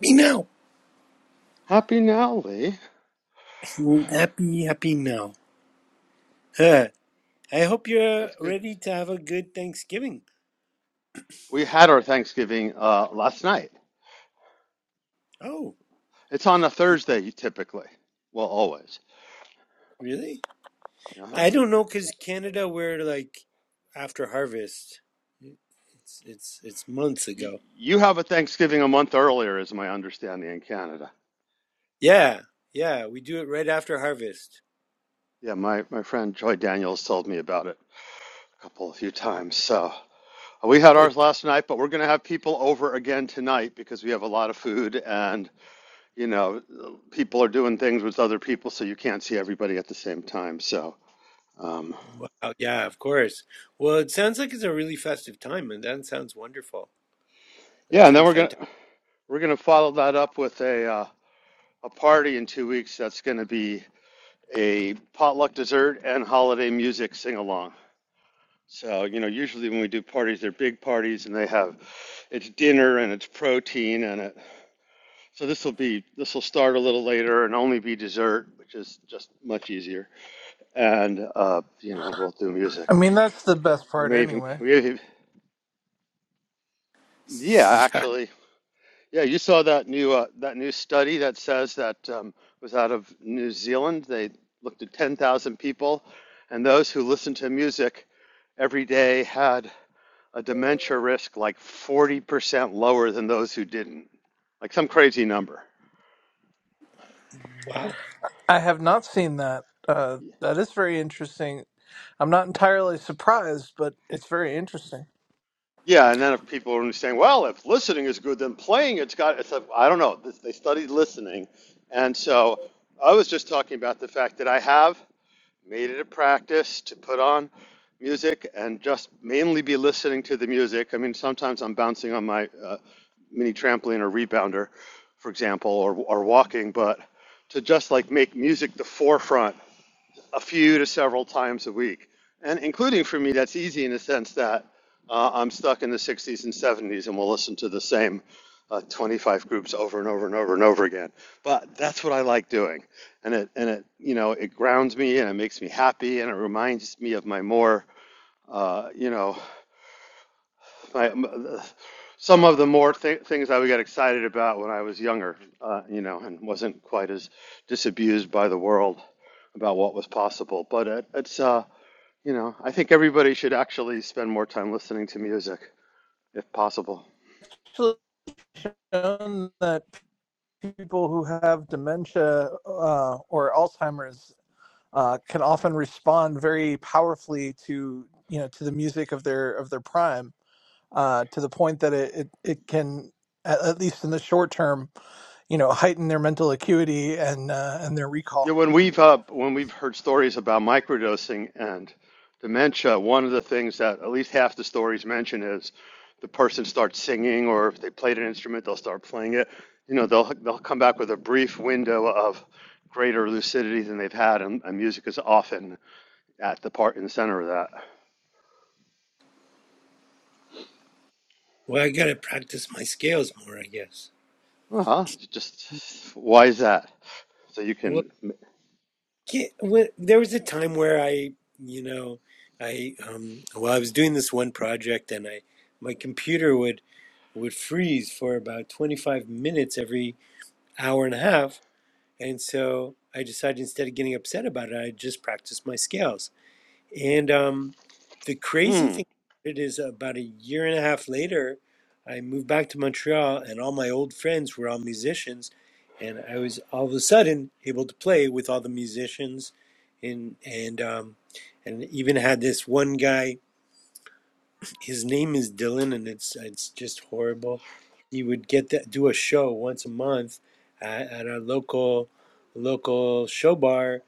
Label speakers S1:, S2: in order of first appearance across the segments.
S1: Me now. Happy, happy now. Huh. I hope you're ready to have a good Thanksgiving. Oh, y- really? I don't know because Canada, we're like after harvest. It's it's it's months ago. Yeah, yeah, we do it right after harvest. But wow, yeah, of course. Well, it sounds like it's a really festive time, and that sounds wonderful. That sounds fantastic.
S2: I mean, that's the best part anyway.
S1: Yeah. Wow.
S2: I have not seen that. Uh, that is very interesting. I'm not entirely surprised, but it's very interesting. Actually shown that people who have dementia uh, or Alzheimer's uh, can often respond very powerfully to you know to the music of their of their prime uh, to the point that it it, it can at at least in the short term, you know, heighten their mental acuity and uh, and their recall.
S1: Well, I gotta practice my scales more, I guess. Well, Yeah, when, there was a time where I, you know, I um, well, I was doing this one project, and I my computer would would freeze for about twenty five minutes every hour and a half, and so I decided instead of getting upset about it, I just practiced my scales. And um, the crazy thing about it is about a year and a half later, I moved back to Montreal, and all my old friends were all musicians, and I was all of a sudden able to play with all the musicians, and and um, and even had this one guy his name is Dylan, and it's it's just horrible. He would get that do a show once a month at, at our local local show bar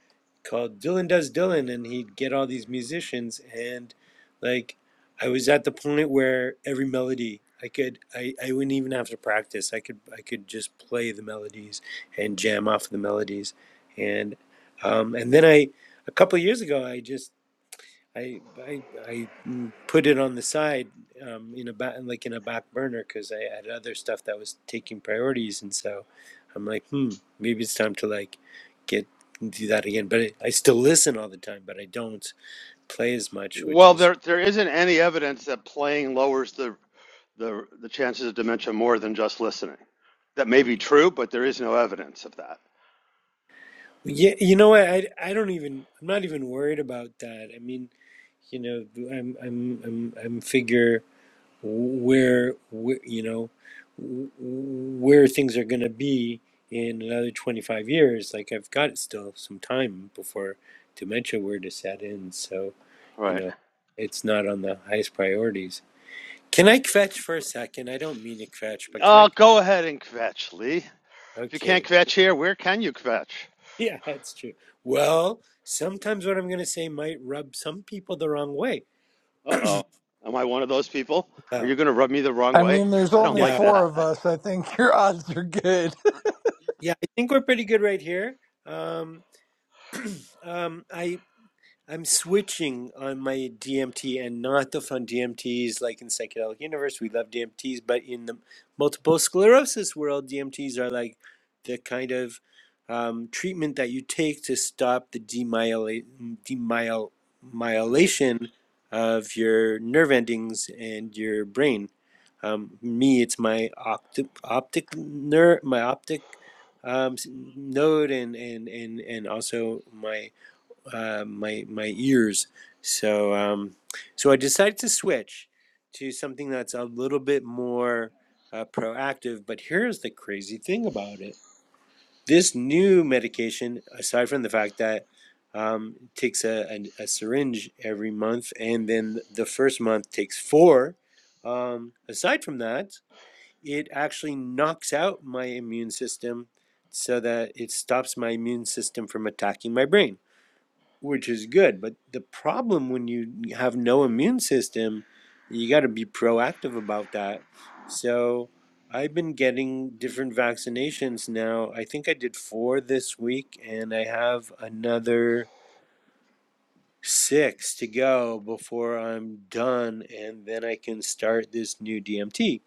S1: called Dylan Does Dylan, and he'd get all these musicians, and like I was at the point where every melody I could I, I wouldn't even have to practice. I could I could just play the melodies and jam off the melodies, and um, and then I a couple of years ago I just I I I mm, put it on the side, um, in a back like in a back burner because I had other stuff that was taking priorities, and so I'm like, hmm, maybe it's time to like get do that again. But I I still listen all the time, but I don't play as much, which is yeah. You know what? I I don't even I'm not even worried about that. I mean, you know, I'm I'm I'm I'm figure. where, where you know where things are going to be in another 25 years like i've got still some time before dementia were to set in so you know it's not on the highest priorities can i fetch for a second i don't mean to fetch but can i okay yeah that's true well sometimes what i'm going to say might rub some people the wrong way oh
S2: I mean, there's only
S1: no
S2: four of us. I think your odds are good.
S1: yeah i think we're pretty good right here um um, I I'm switching on my DMT and not the fun DMTs like in psychedelic universe. We love DMTs, but in the multiple sclerosis world, DMTs are like the kind of um, treatment that you take to stop the demyelation demyel- myelation of your nerve endings and your brain. Um, me, it's my optic optic nerve, my optic um, s- node, and and and and also my uh, my my ears. So um, so I decided to switch to something that's a little bit more uh, proactive. But here's the crazy thing about it: this new medication, aside from the fact that um, it takes a, a, a syringe every month, and then the first month takes four. Um, aside from that, it actually knocks out my immune system so that it stops my immune system from attacking my brain which is good. But the problem when you have no immune system, you got to be proactive about that. So I've been getting different vaccinations now. I think I did four this week, and I have another six to go before I'm done, and then I can start this new DMT.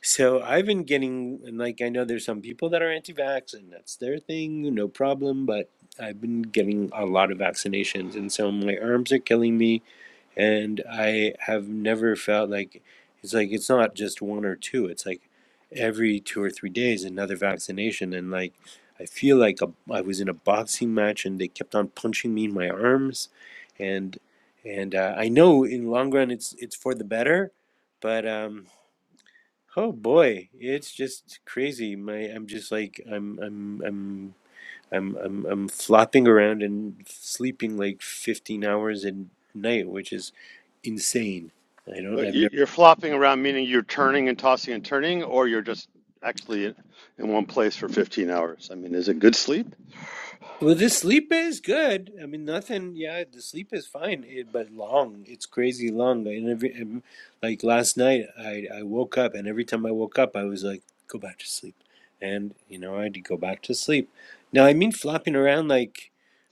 S1: So I've been getting, and like I know there's some people that are anti-vax and that's their thing, no problem, but I've been getting a lot of vaccinations and so my arms are killing me and I have never felt like it's like it's not just one or two, it's like every two or three days another vaccination and like I feel like a, I was in a boxing match and they kept on punching me in my arms and and uh, I know in long run it's it's for the better, but um Oh boy, it's just crazy. My, I'm just like I'm, I'm, I'm, I'm, I'm, I'm flopping around and sleeping like 15 hours a night, which is insane. I don't, I've Well, the sleep is good. I mean, nothing. Yeah, the sleep is fine, it, but long. It's crazy long. And every and, like last night, I I woke up, and every time I woke up, I was like, "Go back to sleep," and you know, I had to go back to sleep. Now, I mean, flopping around like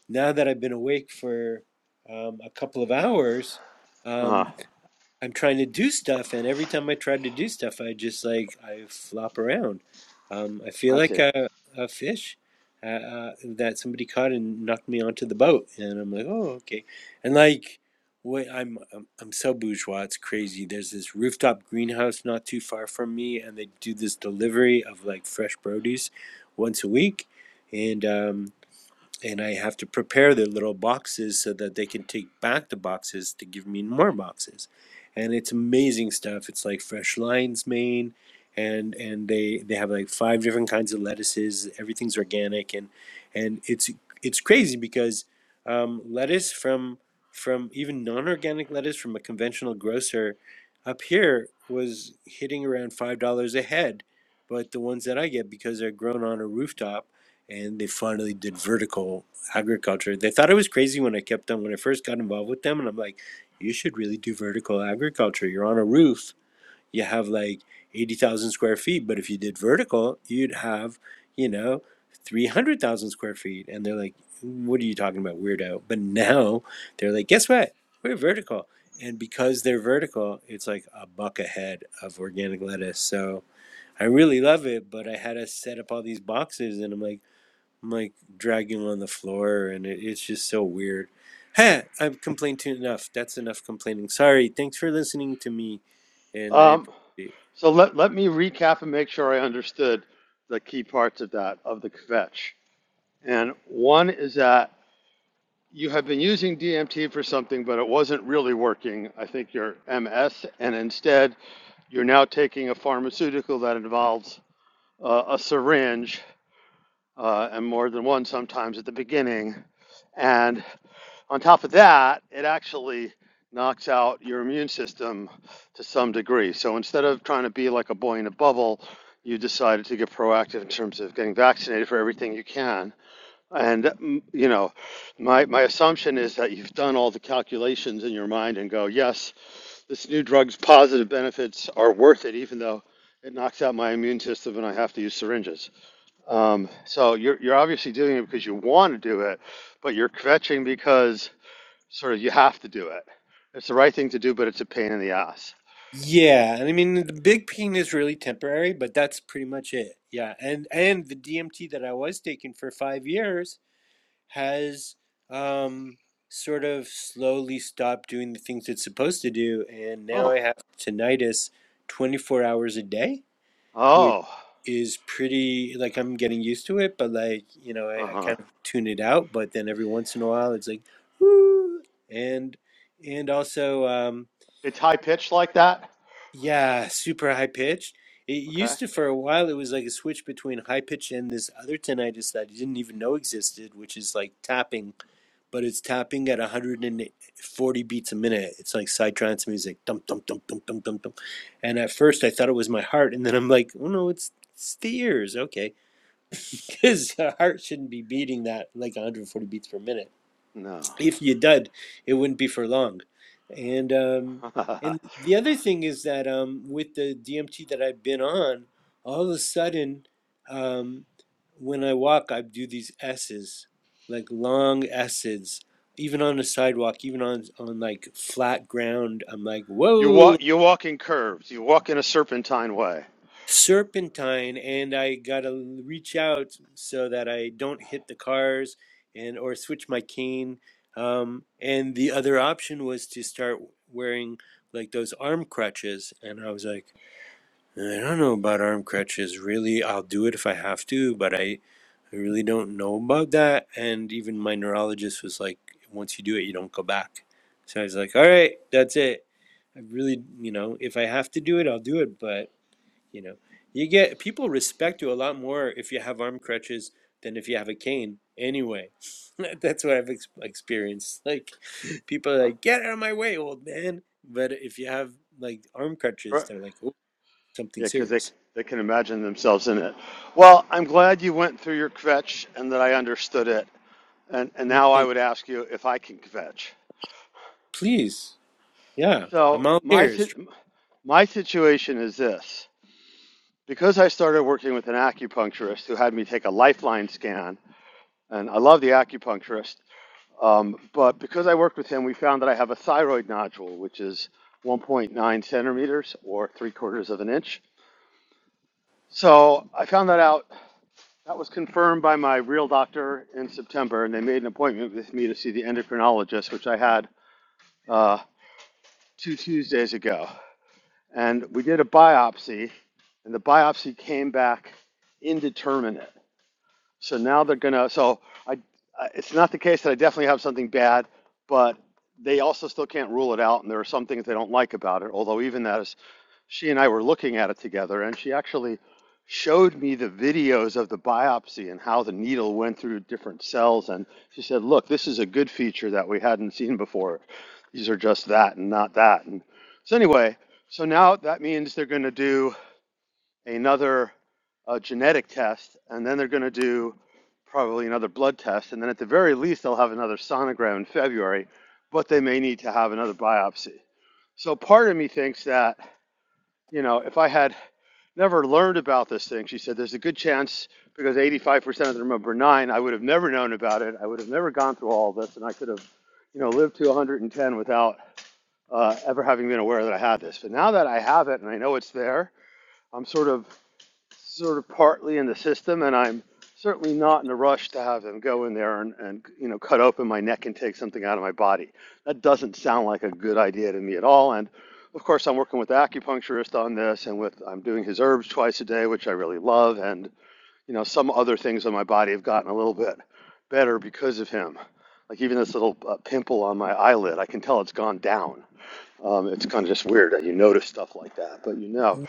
S1: now that I've been awake for um, a couple of hours. Um, I'm trying to do stuff, and every time I try to do stuff, I just like I flop around. Um, I feel like a, a fish uh, uh, that somebody caught and knocked me onto the boat, and I'm like, oh, okay. And like, what I'm, I'm I'm so bourgeois, it's crazy. There's this rooftop greenhouse not too far from me, and they do this delivery of like fresh produce once a week, and um, and I have to prepare their little boxes so that they can take back the boxes to give me more boxes. And it's amazing stuff. It's like fresh lion's mane, and and they they have like five different kinds of lettuces. Everything's organic, and and it's it's crazy because um, lettuce from from even non-organic lettuce from a conventional grocer up here was hitting around five dollars a head, but the ones that I get because they're grown on a rooftop and they finally did vertical agriculture. They thought it was crazy when I kept them when I first got involved with them, and I'm like, you should really do vertical agriculture. You're on a roof, you have like eighty thousand square feet, but if you did vertical, you'd have, you know, three hundred thousand square feet. And they're like, what are you talking about, weirdo? But now they're like, guess what? We're vertical. And because they're vertical, it's like a buck ahead of organic lettuce. So I really love it, but I had to set up all these boxes, and I'm like. I'm like dragging him on the floor, and it, it's just so weird. Ha! I've complained to enough. That's enough complaining. Sorry. Thanks for listening to me, and I appreciate. it. Yeah, I mean the big pain is really temporary, but that's pretty much it. Yeah, and and the DMT that I was taking for five years has um sort of slowly stopped doing the things it's supposed to do, and now I have tinnitus twenty four hours a day which is pretty like I'm getting used to it, but like you know, I, I kind of tune it out. But then every once in a while, it's like, "Woo!" and and also, um, yeah, super high pitched. It used to for a while. It was like a switch between high pitch and this other tinnitus that I didn't even know existed, which is like tapping, but it's tapping at 140 beats a minute. It's like psytrance music, dum dum dum dum dum dum dum. And at first, I thought it was my heart, and then I'm like, oh no, it's, it's the ears. Okay his heart shouldn't be beating that like 140 beats per minute. If you did, it wouldn't be for long. And um, and the other thing is that um, with the DMT that I've been on, all of a sudden, um, when I walk, I do these S's, like long S's, even on the sidewalk, even on on like flat ground. I'm like, whoa! serpentine and I gotta reach out so that I don't hit the cars and or switch my cane. Um, and the other option was to start wearing like those arm crutches, and I was like, I don't know about arm crutches. Really, I'll do it if I have to, but I, I really don't know about that. And even my neurologist was like, once you do it, you don't go back. So I was like, all right, that's it. I really, you know, if I have to do it, I'll do it, but you know, you get people respect you a lot more if you have arm crutches than if you have a cane. Anyway, that's what I've ex- experienced. Like, people are like, "Get out of my way, old man!" But if you have like arm crutches, they're like, "Oh, something serious." Like, please, yeah, I'm all ears.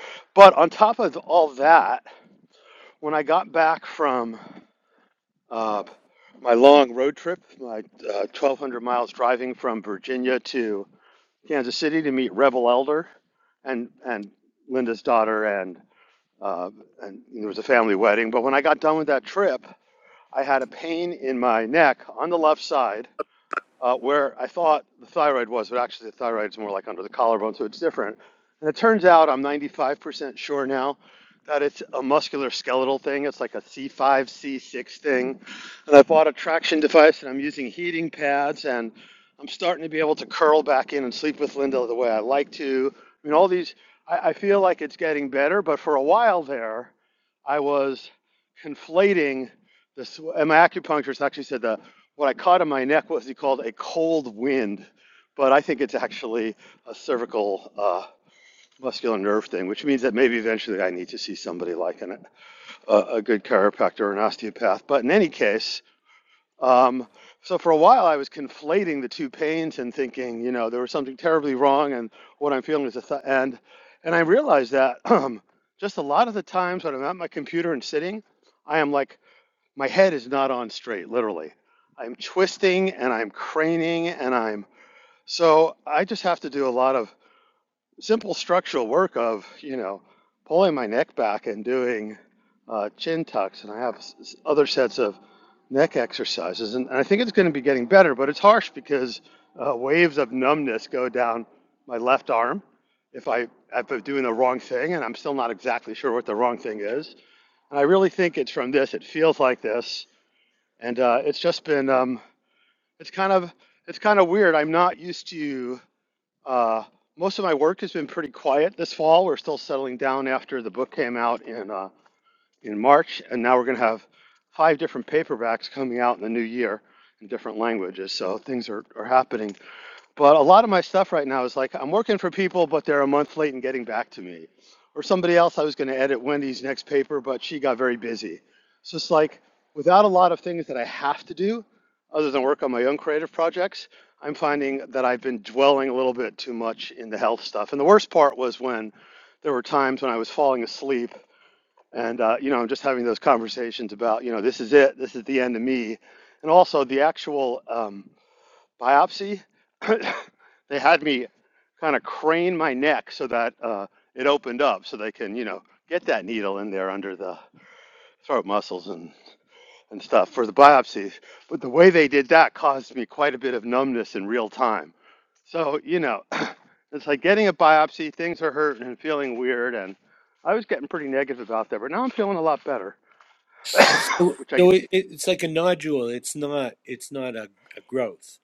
S1: So, so it, it's like a nodule. It's not. It's not a, a growth.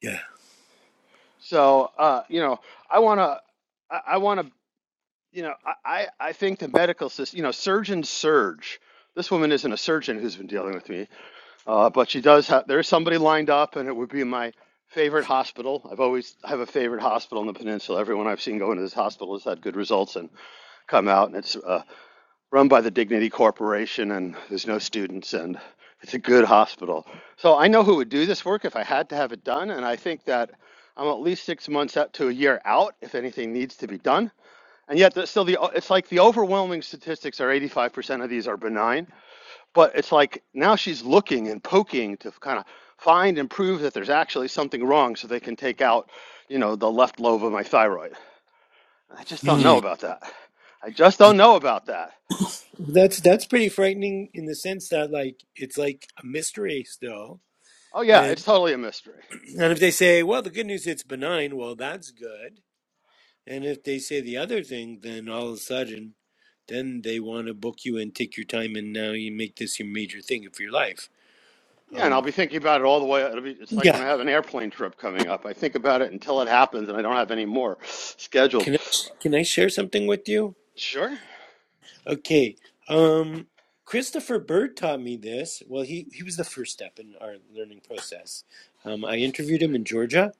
S1: Yeah. Hmm. That's that's pretty frightening in the sense that like it's like a mystery still, and. And if they say, well, the good news it's benign, well, that's good. And if they say the other thing, then all of a sudden, then they want to book you and take your time, and now you make this your major thing of your life. Um, yeah. Can I, can I share something with you? Okay. Um, Christopher Bird taught me this. Well, he, he was the first step in our learning process. Um, I interviewed him in Georgia,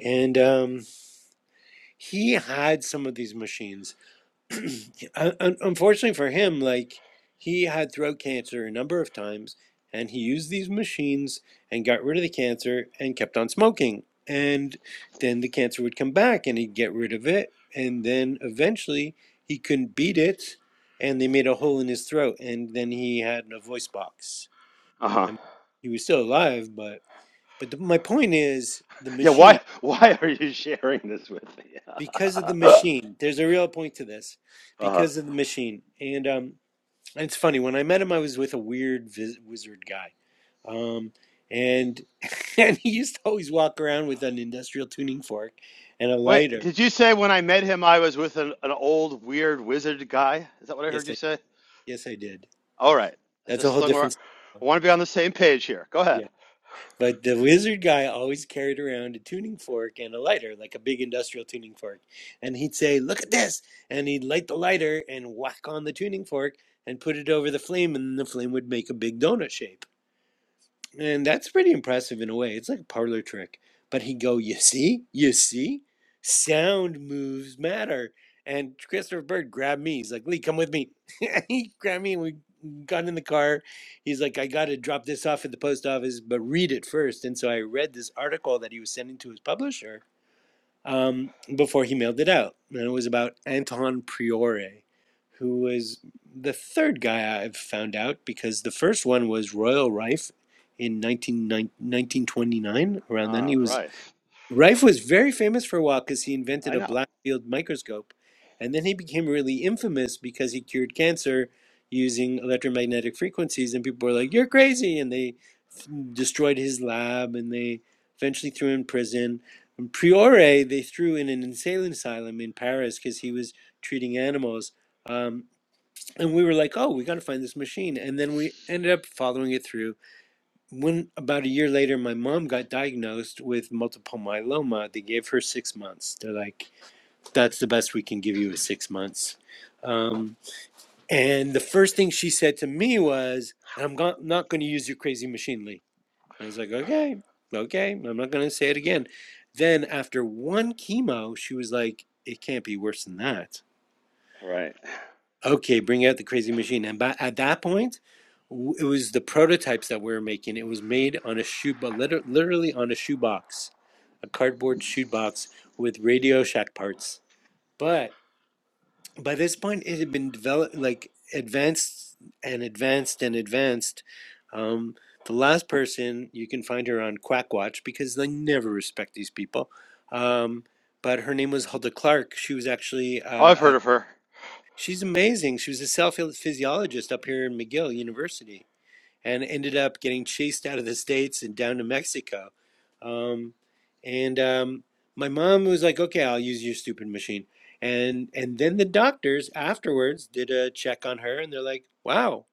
S1: and um, he had some of these machines unfortunately for him, like he had throat cancer a number of times, and he used these machines and got rid of the cancer and kept on smoking. And then the cancer would come back, and he'd get rid of it, and then eventually he couldn't beat it, and they made a hole in his throat, and then he had a voice box. I mean, he was still alive, but but the, my point is the machine. Because of the machine, there's a real point to this. Because of the machine, and um, And it's funny when I met him, I was with a weird viz- wizard guy, um, and and he used to always walk around with an industrial tuning fork and a lighter. Yes, I yes I did. That's a whole different. story. Yeah, but the wizard guy always carried around a tuning fork and a lighter, like a big industrial tuning fork, and he'd say, "Look at this," and he'd light the lighter and whack on the tuning fork and put it over the flame, and the flame would make a big donut shape And that's pretty impressive in a way. It's like a parlor trick. But he'd go, You see? You see? Sound moves matter. And Christopher Bird grabbed me. He's like, Lee, come with me. he grabbed me and we got in the car. He's like, I got to drop this off at the post office, but read it first. And so I read this article that he was sending to his publisher um, before he mailed it out. And it was about Anton Priore, who was the third guy I've found out because the first one was Royal Rife in 19, 1929, around then. He was Rife was very famous for a while because he invented a black field microscope. And then he became really infamous because he cured cancer using electromagnetic frequencies. And people were like, You're crazy. And they destroyed his lab and they eventually threw him in prison. And Priore, they threw in an insane asylum in Paris because he was treating animals. Um, and we were like, oh, we got to find this machine. And then we ended up following it through. When about a year later, my mom got diagnosed with multiple myeloma, they gave her six months. They're like, that's the best we can give you is six months. Um, and the first thing she said to me was, I'm not going to use your crazy machine, Lee I was like, okay, okay, I'm not gonna say it again. Then after one chemo, she was like, it can't be worse than that. Okay, bring out the crazy machine. And by, at that point, it was the prototypes that we were making. It was made on a shoe, but liter- literally on a shoebox, a cardboard shoebox with Radio Shack parts. But by this point it had been developed like advanced and advanced and advanced um, the last person you can find her on quackwatch because they never respect these people um, but her name was hulda clark she was actually uh, uh, she's amazing she was a cell physiologist up here in mcgill university and ended up getting chased out of the states and down to Mexico. Um, and um, my mom was like, "Okay, I'll use your stupid machine." And and then the doctors afterwards did a check on her, and they're like, "Wow,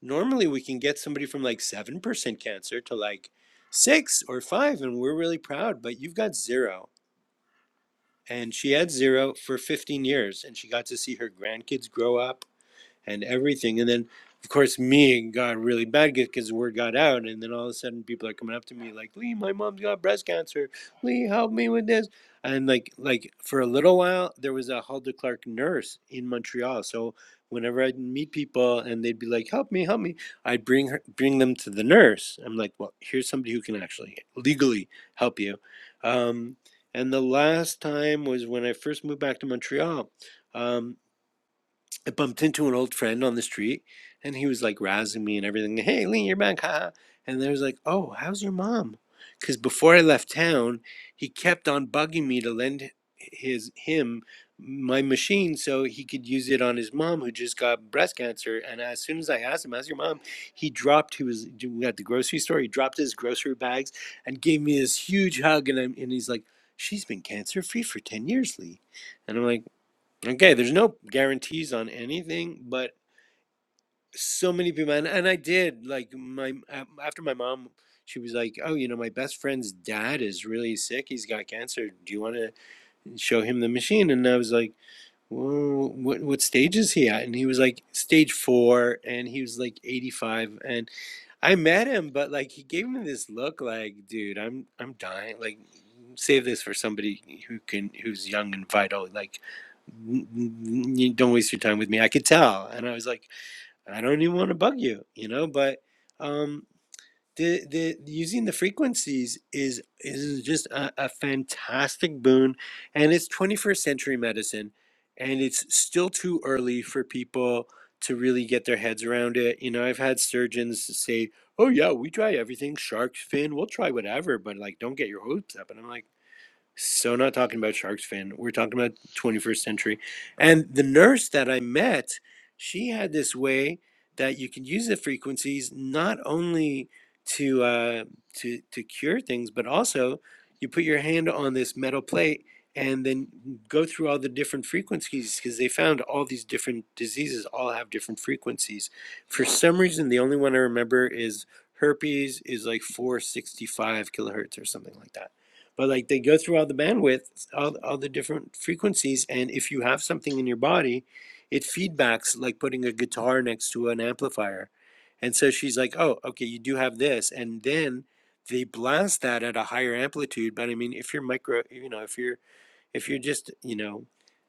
S1: normally we can get somebody from like seven percent cancer to like six or five, and we're really proud, but you've got zero. And she had zero for 15 years, and she got to see her grandkids grow up and everything. And then, of course, me got really bad because the word got out. And then all of a sudden, people are coming up to me like, Lee, my mom's got breast cancer. Lee, help me with this. And like, like for a little while, there was a Hulda Clark nurse in Montreal. So whenever I'd meet people and they'd be like, help me, help me, I'd bring her, bring them to the nurse. I'm like, well, here's somebody who can actually legally help you. Um, and the last time was when I first moved back to Montreal. Um, I bumped into an old friend on the street and he was like razzing me and everything. Hey, Lee, you're back, haha. And I was like, oh, how's your mom? Because before I left town, he kept on bugging me to lend his him my machine so he could use it on his mom who just got breast cancer. And as soon as I asked him, how's your mom? He dropped, he was at the grocery store, he dropped his grocery bags and gave me this huge hug. And, I'm, and he's like, she's been cancer free for 10 years, Lee. And I'm like, Okay, there's no guarantees on anything, but so many people, and, and I did like my a- after my mom, she was like, "Oh, you know, my best friend's dad is really sick. He's got cancer. Do you want to show him the machine?" And I was like. Whoa, what what stage is he at? And he was like stage four, and he was like 85. And I met him, but like he gave me this look like, dude, I'm I'm dying. Like, save this for somebody who can who's young and vital. Like, "N- n- n- don't waste your time with me. I could tell. And I was like, I don't even want to bug you, you know, but. um, the the using the frequencies is is just a, a fantastic boon and it's 21st century medicine and it's still too early for people to really get their heads around it you know i've had surgeons say oh yeah we try everything shark fin we'll try whatever but like don't get your hopes up and i'm like so not talking about Sharks fan. We're talking about 21st century. And the nurse that I met, she had this way that you can use the frequencies not only to uh, to to cure things, but also you put your hand on this metal plate and then go through all the different frequencies because they found all these different diseases all have different frequencies. For some reason, the only one I remember is herpes is like 465 kilohertz or something like that but like they go through all the bandwidth, all, all the different frequencies, and if you have something in your body, it feedbacks like putting a guitar next to an amplifier. And so she's like, oh, okay, you do have this. And then they blast that at a higher amplitude. But I mean, if you're micro, you know, if you're if you're just you know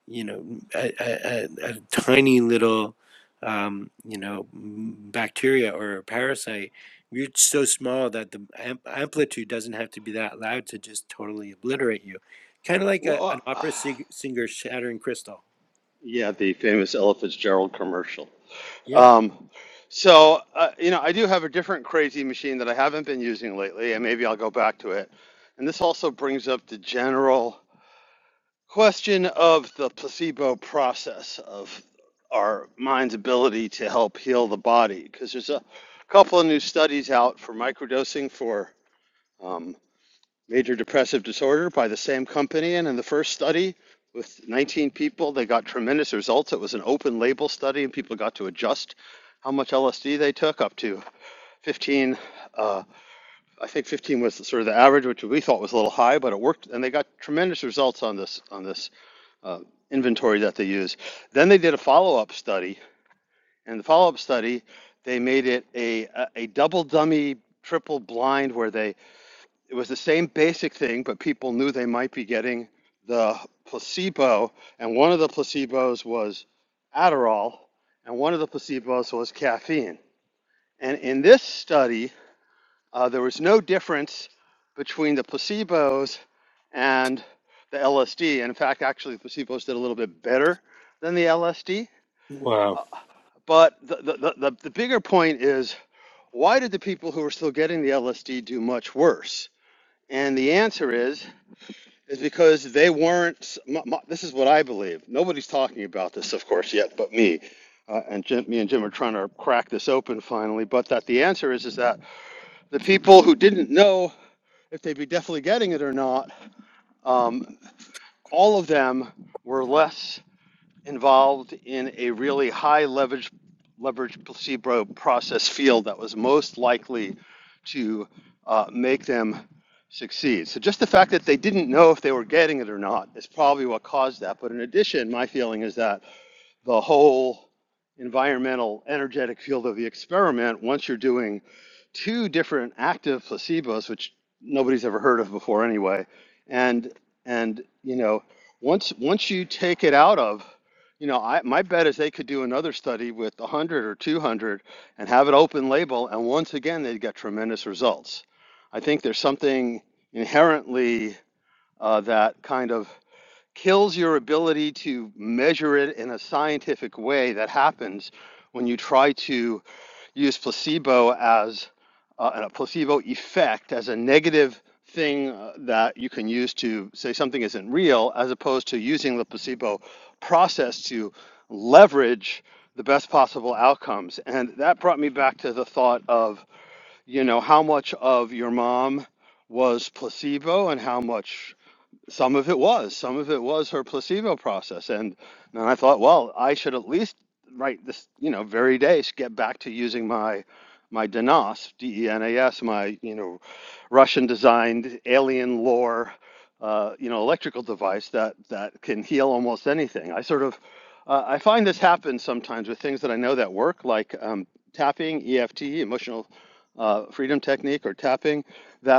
S1: you know a, a, a a tiny little um, you know m- bacteria or a parasite you're so small that the am- amplitude doesn't have to be that loud to just totally obliterate you kind of like a, an opera sing- singer shattering crystal yeah wow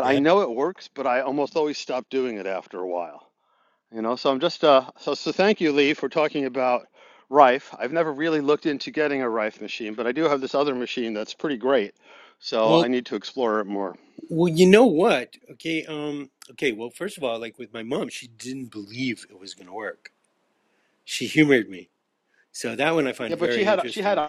S1: yeah well well you know what okay um okay well first of all like with my mom she didn't believe it was going to work she humored me so that one i find very interesting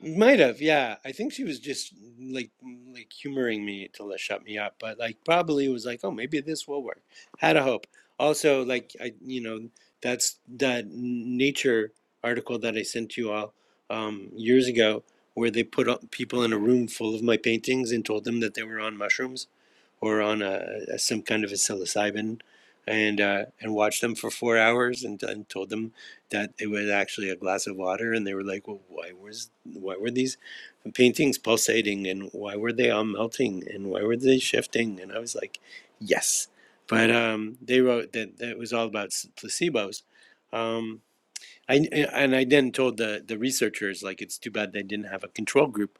S1: Might have, yeah. I think she was just mm, like mm, like humoring me to let- shut me up, but like probably was like, oh, maybe this will work. Had a hope. Also, like I, you know, that's that Nature article that I sent you all um, years ago, where they put up people in a room full of my paintings and told them that they were on mushrooms or on a, a some kind of a psilocybin, and uh, and watched them for four hours and, and told them that it was actually a glass of water, and they were like, "Well, why was why were these paintings pulsating, and why were they all melting, and why were they shifting?" And I was like, "Yes," but um, they wrote that that was all about placebos. Um, I and I then told the the researchers like it's too bad they didn't have a control group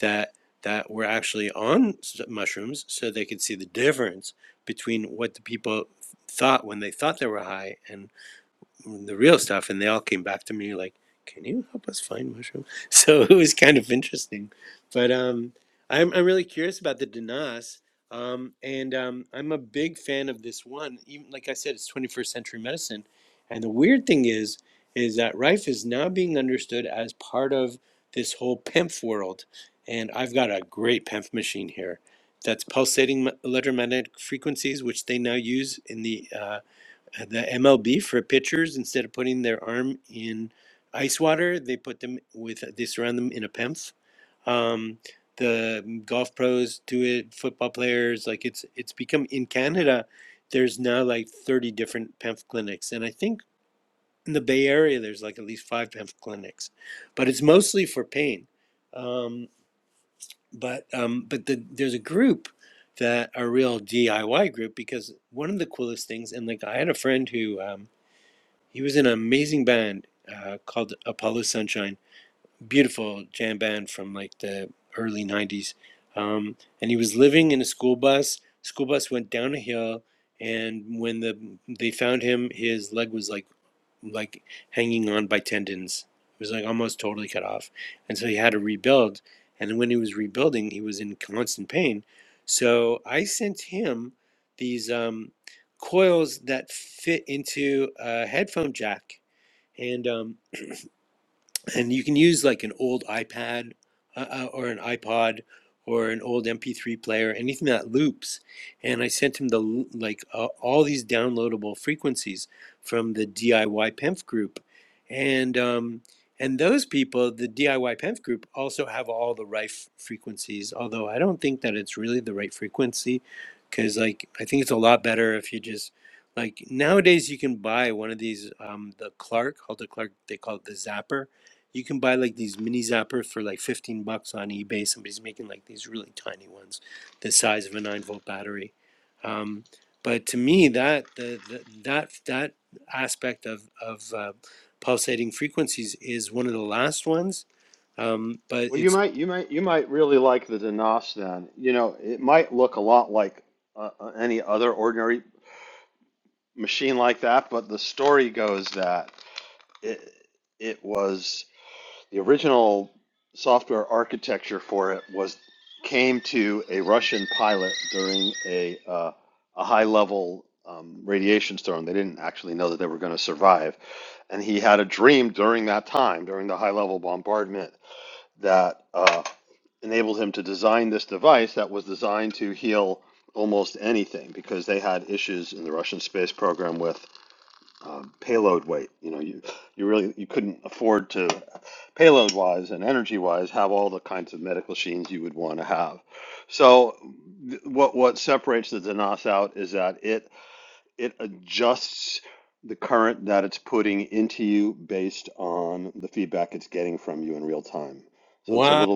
S1: that that were actually on mushrooms so they could see the difference between what the people thought when they thought they were high and the real stuff, and they all came back to me like, "Can you help us find mushroom?" So it was kind of interesting, but um, I'm I'm really curious about the Danas, um, and um, I'm a big fan of this one. Even like I said, it's 21st century medicine, and the weird thing is, is that Rife is now being understood as part of this whole PEMF world, and I've got a great PEMF machine here. That's pulsating m- electromagnetic frequencies, which they now use in the uh, the MLB for pitchers instead of putting their arm in ice water, they put them with they surround them in a PEMF. Um, the golf pros do it, football players like it's it's become in Canada. There's now like 30 different PEMF clinics, and I think in the Bay Area there's like at least five PEMF clinics, but it's mostly for pain. Um, but um, but the, there's a group that a real DIY group because one of the coolest things, and like I had a friend who. Um, he was in an amazing band uh, called Apollo Sunshine, beautiful jam band from like the early '90s. Um, and he was living in a school bus. School bus went down a hill, and when the they found him, his leg was like like hanging on by tendons. It was like almost totally cut off, and so he had to rebuild. And when he was rebuilding, he was in constant pain. So I sent him these um, coils that fit into a headphone jack and um, and you can use like an old iPad uh, uh, or an iPod or an old MP3 player, anything that loops. And I sent him the like uh, all these downloadable frequencies from the DIY Penf group, and um, and those people, the DIY Penf group, also have all the right frequencies. Although I don't think that it's really the right frequency, because like I think it's a lot better if you just like nowadays you can buy one of these um, the Clark, called the Clark, they call it the Zapper you can buy like these mini zappers for like 15 bucks on eBay. Somebody's making like these really tiny ones, the size of a 9 volt battery. Um, but to me, that the, the that that aspect of of uh, pulsating frequencies is one of the last ones. Um, but it's wow,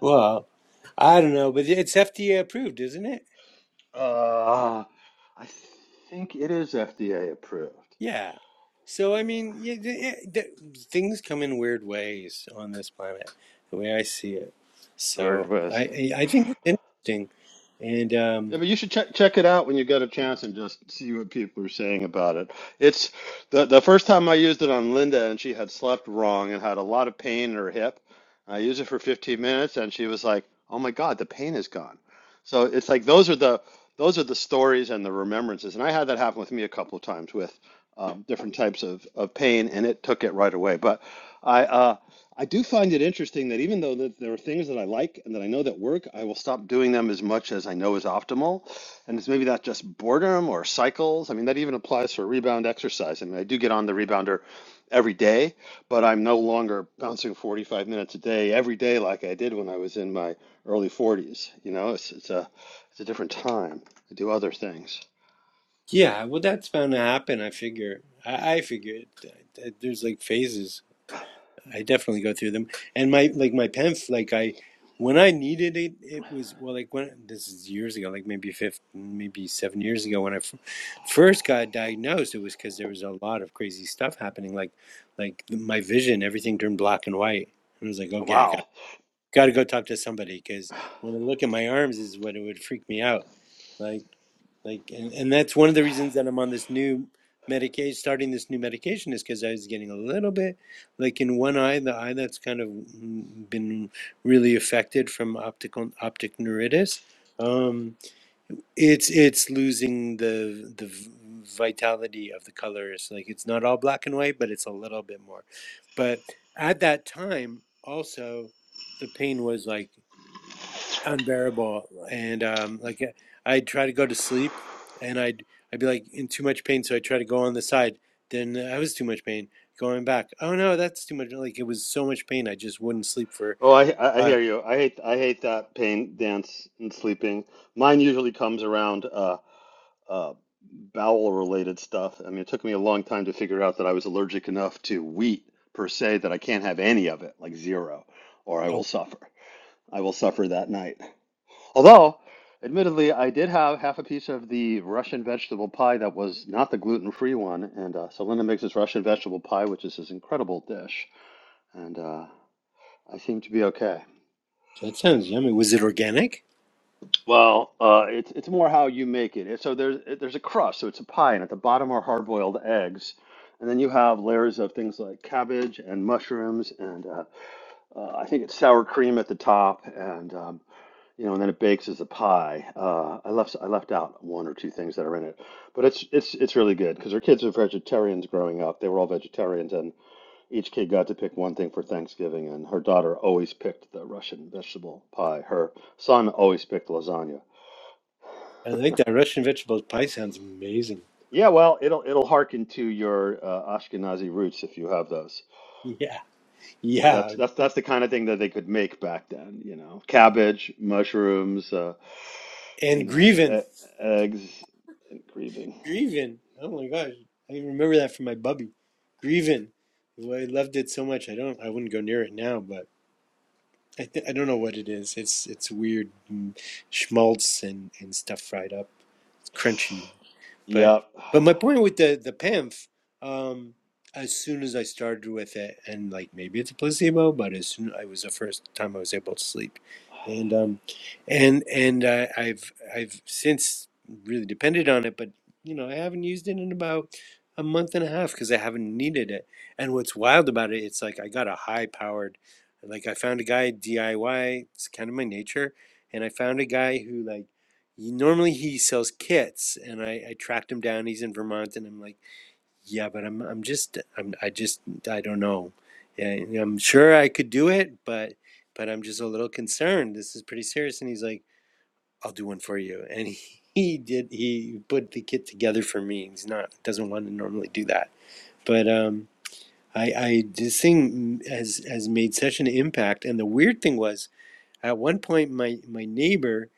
S1: well, I don't know, but it's FDA approved, isn't it? Yeah. So I mean, yeah, th- th- things come in weird ways on this planet, the way I see it. So I I I think it's interesting, and um, yeah, well, that's bound to happen. I figure. I, I figured that, that there's like phases I definitely go through them. And my like my penf, like I when I needed it, it was well like when this is years ago, like maybe fifth, maybe seven years ago when I f- first got diagnosed. It was because there was a lot of crazy stuff happening. Like like my vision, everything turned black and white. And I was like, okay, I got got to go talk to somebody because when I look at my arms, is when it would freak me out. like like and, and that's one of the reasons that i'm on this new medication starting this new medication is because i was getting a little bit like in one eye the eye that's kind of mm, been really affected from optical optic neuritis um it's it's losing the the v- vitality of the colors like it's not all black and white but it's a little bit more but at that time also the pain was like unbearable. And um, like uh, I'd try to go to sleep, and I'd I'd be like in too much pain, so I try to go on the side. Then I was too much pain going back. Oh no, that's too much. Like it was so much pain, I just wouldn't sleep for. Uh, oh, that sounds yummy. Was it organic? I like that Russian vegetable pie. Sounds amazing. Yeah, yeah. And grievin, grievin. Oh my gosh, I remember that from my bubby, grievin. Well, I loved it so much. I don't. I wouldn't go near it now, but. I, th- I don't know what it is. It's it's weird mm, schmaltz and, and stuff fried up. It's crunchy. But but my point with the the PAMF, um, as soon as I started with it, and like maybe it's a placebo, but as soon I was the first time I was able to sleep, and um, and and uh, I've I've since really depended on it, but you know I haven't used it in about a month and a half because I haven't needed it. And what's wild about it, it's like I got a high powered, like I found a guy DIY. It's kind of my nature, and I found a guy who like he, normally he sells kits, and I, I tracked him down. He's in Vermont, and I'm like, yeah, but I'm I'm just I'm I just I don't know. Yeah, I'm sure I could do it, but but I'm just a little concerned. This is pretty serious. And he's like, I'll do one for you, and he. He did. He put the kit together for me. He's not doesn't want to normally do that, but um, I, I this thing has has made such an impact. And the weird thing was, at one point, my, my neighbor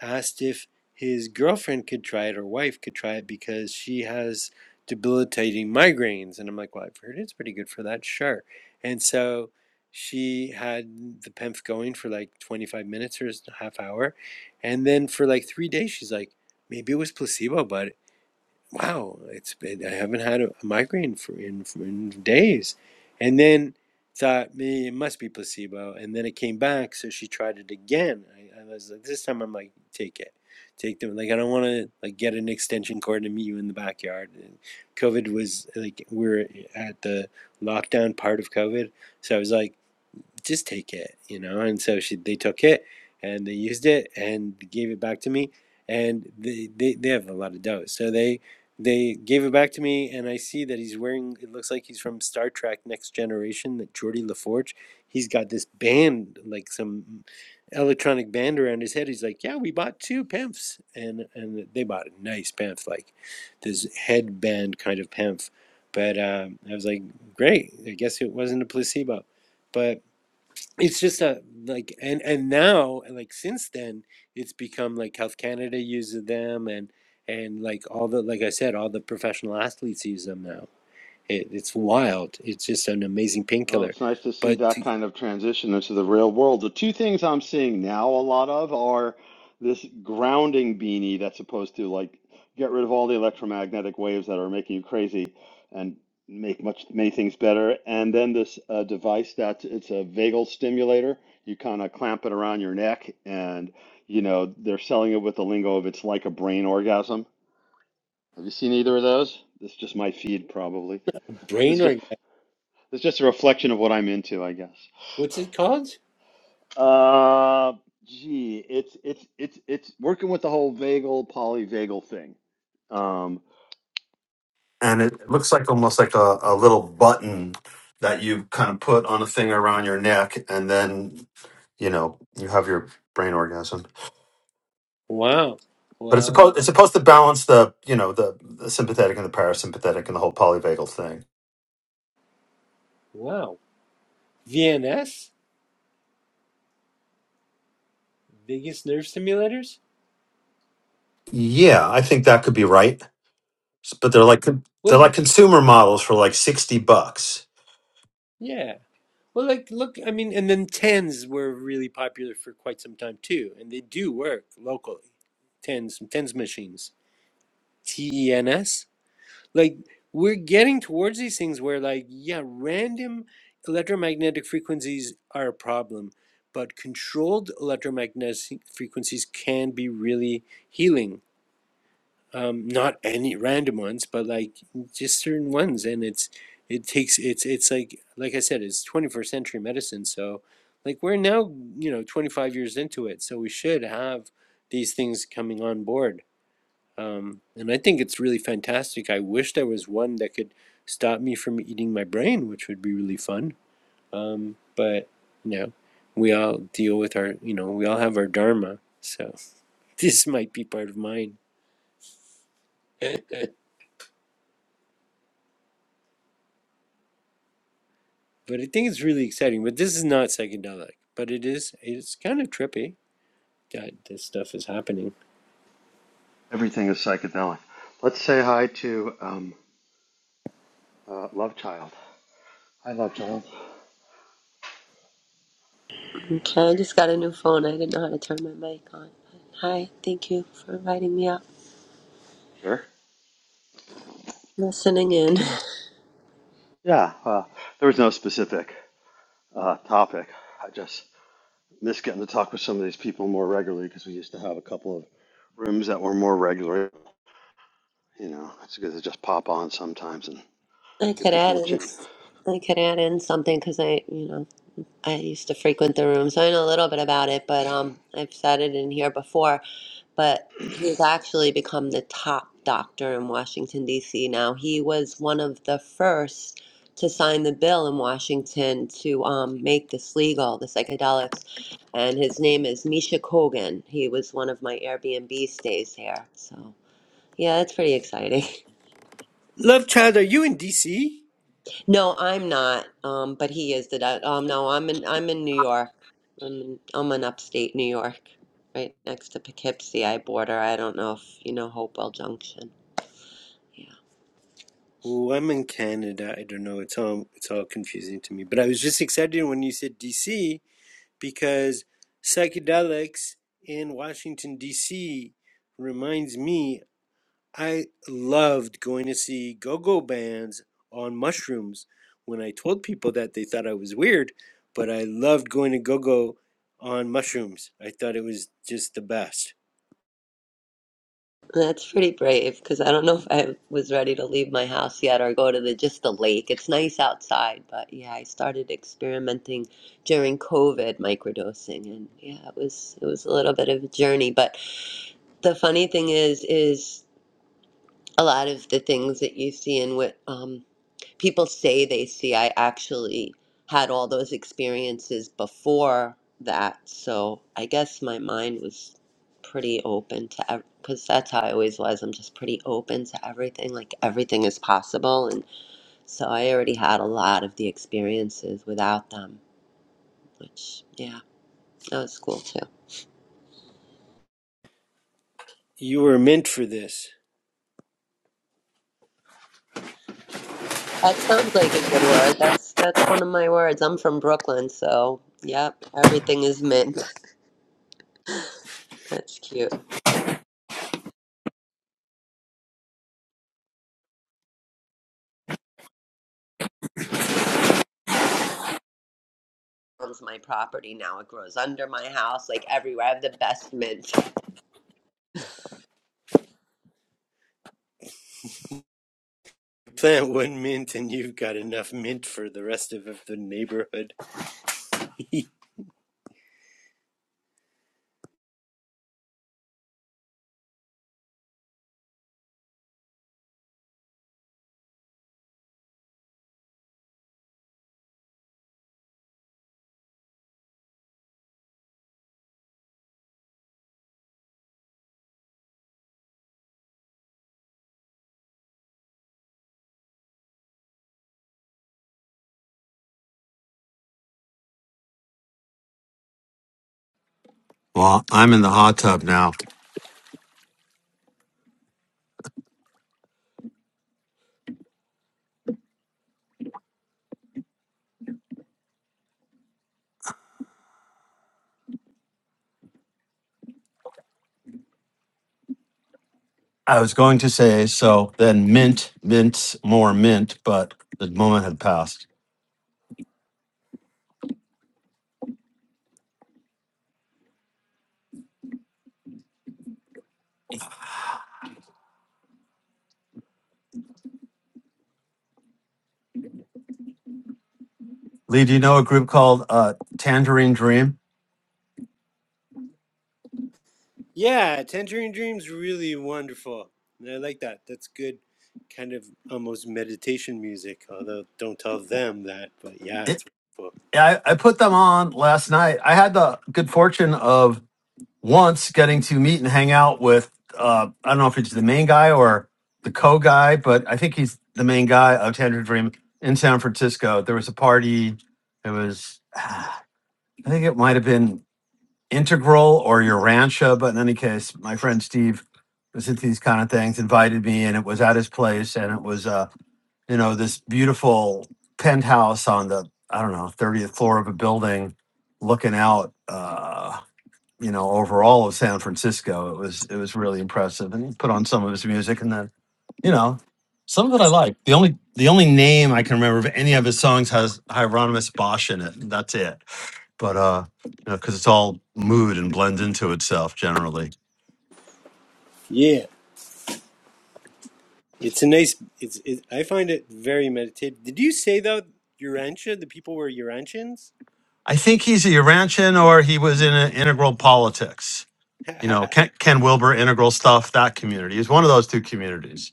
S1: asked if his girlfriend could try it or wife could try it because she has debilitating migraines. And I'm like, well, I've heard it's pretty good for that, sure. And so she had the PEMF going for like 25 minutes or a half hour. And then for like three days, she's like, maybe it was placebo, but wow, it's been, I haven't had a migraine for in, for in days. And then thought, me, it must be placebo. And then it came back, so she tried it again. I, I was like, this time I'm like, take it. Take them. Like, I don't want to like get an extension cord and meet you in the backyard. And COVID was like, we are at the lockdown part of COVID. So I was like, just take it, you know. And so she, they took it and they used it and gave it back to me. And they, they, they have a lot of dough. So they, they gave it back to me. And I see that he's wearing, it looks like he's from Star Trek Next Generation, that Geordie LaForge. He's got this band, like some electronic band around his head. He's like, yeah, we bought two pimps. And, and they bought a nice pimp, like this headband kind of pimp. But um, I was like, great. I guess it wasn't a placebo. But it's just a like and and now like since then it's become like health canada uses them and and like all the like i said all the professional athletes use them now it, it's wild it's just an amazing painkiller but to brain orgasm what's it called wow wow wow vns vagus nerve stimulators well y- yeah well like look i mean and then tens were really popular for quite some time too and they do work locally tens tens machines T E N S. like we're getting towards these things where like yeah random electromagnetic frequencies are a problem but controlled electromagnetic frequencies can be really healing um, not any random ones but like just certain ones and it's it takes it's it's like like i said it's 21st century medicine so like we're now you know 25 years into it so we should have these things coming on board um, and I think it's really fantastic. I wish there was one that could stop me from eating my brain, which would be really fun. Um, but you know, we all deal with our, you know, we all have our dharma. So this might be part of mine. but I think it's really exciting. But this is not psychedelic, but it is. It's kind of trippy that this stuff is happening.
S3: Okay, I just got a new phone. I didn't know how to turn my mic on. Hi, thank you for inviting me up. Listening in. I could add in. I could add in something because I, you know, I used to frequent the room, so I know a little bit about it, but um, I've said it in here before. But he's actually become the top doctor in Washington, D.C. now. He was one of the first to sign the bill in Washington to um, make this legal, the psychedelics. And his name is Misha Kogan. He was one of my Airbnb stays here. So, yeah, it's pretty exciting.
S1: Love child, are you in DC?
S3: No, I'm not. Um, but he is. Did I? Um, no, I'm in. I'm in New York. I'm in. I'm in upstate New York, right next to Poughkeepsie. I border. I don't know if you know Hopewell Junction. Yeah,
S1: Oh, I'm in Canada. I don't know. It's all it's all confusing to me. But I was just excited when you said DC because psychedelics in Washington D.C. reminds me I loved going to see go-go bands on mushrooms. When I told people that, they thought I was weird, but I loved going to go-go on mushrooms. I thought it was just the best.
S3: that's pretty brave because I don't know if I was ready to leave my house yet or go to the just the lake. It's nice outside, but yeah, I started experimenting during COVID microdosing, and yeah, it was it was a little bit of a journey. But the funny thing is, is a lot of the things that you see in what um, people say they see. I actually had all those experiences before that, so I guess my mind was pretty open to because that's how I always was. I'm just pretty open to everything. Like everything is possible, and so I already had a lot of the experiences without them, which yeah, that was cool too.
S1: You were mint for this.
S3: That sounds like a good word. That's that's one of my words. I'm from Brooklyn, so yep, everything is mint. That's cute. owns my property now. It grows under my house, like everywhere. I have the best mint.
S1: Plant one mint, and you've got enough mint for the rest of the neighborhood.
S4: I was going to say so. Then mint, mint, more mint, but the moment had passed. Lee, do you know a group called uh, Tangerine Dream?
S1: Yeah, Tangerine Dream's really wonderful. I like that. That's good kind of almost meditation music, although don't tell them that, but yeah,
S4: It,
S1: it's wonderful.
S4: I, I put them on last night. I had the good fortune of once getting to meet and hang out with. Uh, I don't know if he's the main guy or the co guy, but I think he's the main guy of Tangerine Dream in San Francisco. There was a party. It was, I think it might have been Integral or your Rancho, but in any case, my friend Steve was into these kind of things, invited me, and it was at his place, and it was uh, you know, this beautiful penthouse on the I don't know thirtieth floor of a building, looking out, uh, you know, over all of San Francisco. It was it was really impressive, and he put on some of his music, and then you know, some of it I like. The only the only name I can remember of any of his songs has Hieronymus Bosch in it. and That's it. But uh, you know, because it's all mood and blends into itself generally.
S1: Yeah. It's a nice it's it, I find it very meditative. Did you say though Urantia, the people were Urantians?
S4: I think he's a Urantian or he was in a integral politics. You know, Ken, Ken Wilber, integral stuff, that community. He's one of those two communities.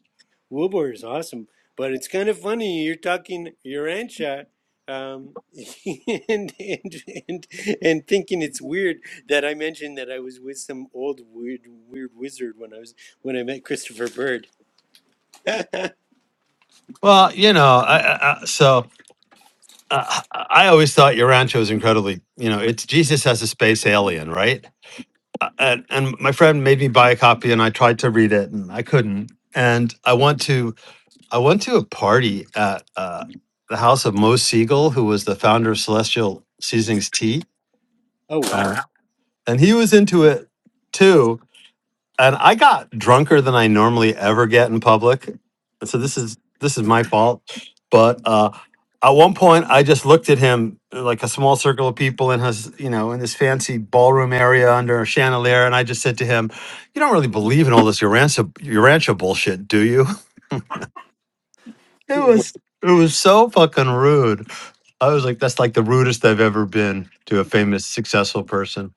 S1: Wilbur is awesome, but it's kind of funny. You're talking your Urantia, um, and, and and and thinking it's weird that I mentioned that I was with some old weird weird wizard when I was when I met Christopher Bird. oh
S4: Well, you know, I, I, I- so uh, I I always thought Urantia was incredibly, you know, it's Jesus as a space alien, right? uh, and, and my friend made me buy a copy and i tried to read it and i couldn't and i went to i went to a party at uh, the house of mo siegel who was the founder of celestial seasonings tea
S1: wow!
S4: uh, and he was into it too and I got drunker than I normally ever get in public. And so this is this is my fault. But uh at one point I just looked at him uh, like a small circle of people in his, you know, in this fancy ballroom area under a chandelier, and I just said to him, You don't really believe in all this Urantia Urantia bullshit, do you? It
S1: Did
S4: was it was so fucking rude. I was like, that's like the rudest I've ever been to a famous, successful person.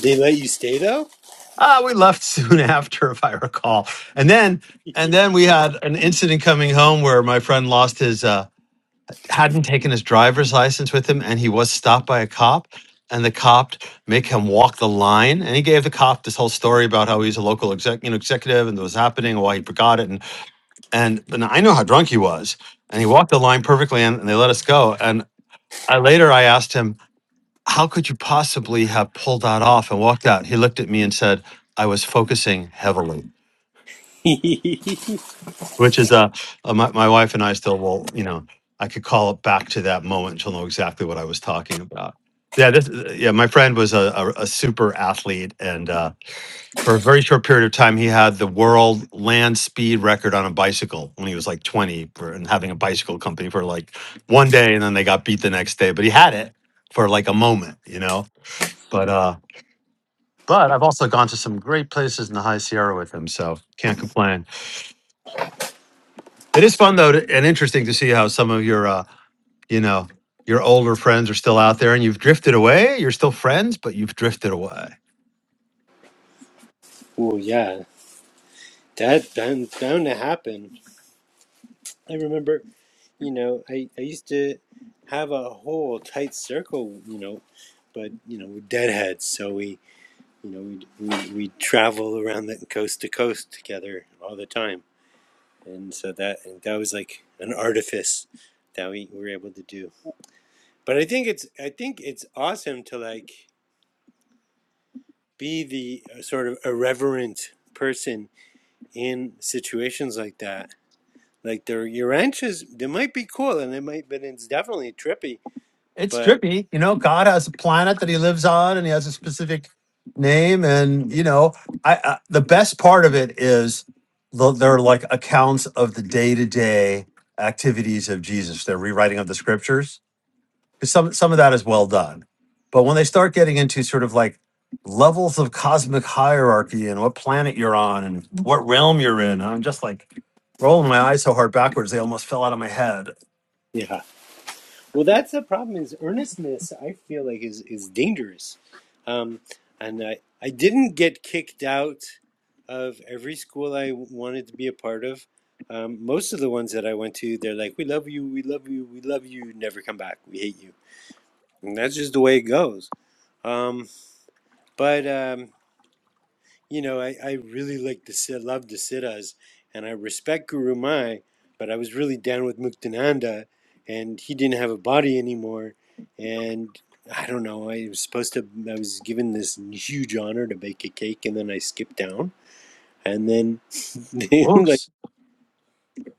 S1: they let you stay though?
S4: Ah, we left soon after, if I recall. And then, and then we had an incident coming home where my friend lost his, uh, hadn't taken his driver's license with him, and he was stopped by a cop. And the cop make him walk the line, and he gave the cop this whole story about how he's a local exec, you know, executive, and what was happening, and why he forgot it, and and and I know how drunk he was, and he walked the line perfectly, and, and they let us go. And I later I asked him, "How could you possibly have pulled that off and walked out?" He looked at me and said, "I was focusing heavily." which is uh, uh my, my wife and i still will you know i could call it back to that moment she'll know exactly what i was talking about yeah this yeah my friend was a, a, a super athlete and uh, for a very short period of time he had the world land speed record on a bicycle when he was like 20 for, and having a bicycle company for like one day and then they got beat the next day but he had it for like a moment you know but uh but i've also gone to some great places in the high sierra with him so can't complain it is fun though to, and interesting to see how some of your uh, you know, your older friends are still out there and you've drifted away. You're still friends, but you've drifted away.
S1: oh yeah, that bound bound to happen. I remember, you know, I I used to have a whole tight circle, you know, but you know, we're deadheads, so we. You know, we we we travel around the coast to coast together all the time, and so that and that was like an artifice that we were able to do. But I think it's I think it's awesome to like be the uh, sort of irreverent person in situations like that. Like the your ranches, they might be cool and they might, but it's definitely trippy.
S4: It's
S1: But
S4: trippy. You know, God has a planet that he lives on and he has a specific name. And, you know, I, I the best part of it is the, they're like accounts of the day to day activities of Jesus, They're rewriting of the scriptures 'Cause some some of that is well done but when they start getting into sort of like levels of cosmic hierarchy and what planet you're on and what realm you're in i'm just like rolling my eyes so hard backwards they almost fell out of my head
S1: yeah. Well, that's the problem. Is earnestness? I feel like is is dangerous, um, and I I didn't get kicked out of every school I wanted to be a part of. Um, most of the ones that I went to, they're like, "We love you, we love you, we love you. Never come back. We hate you." And that's just the way it goes. Um, but um, you know, I, I really like the Sid, love the Siddhas, and I respect Guru Mai, but I was really down with Muktananda, and he didn't have a body anymore. And I don't know, I was supposed to, I was given this huge honor to bake a cake, and then I skipped down. And then, I
S4: oops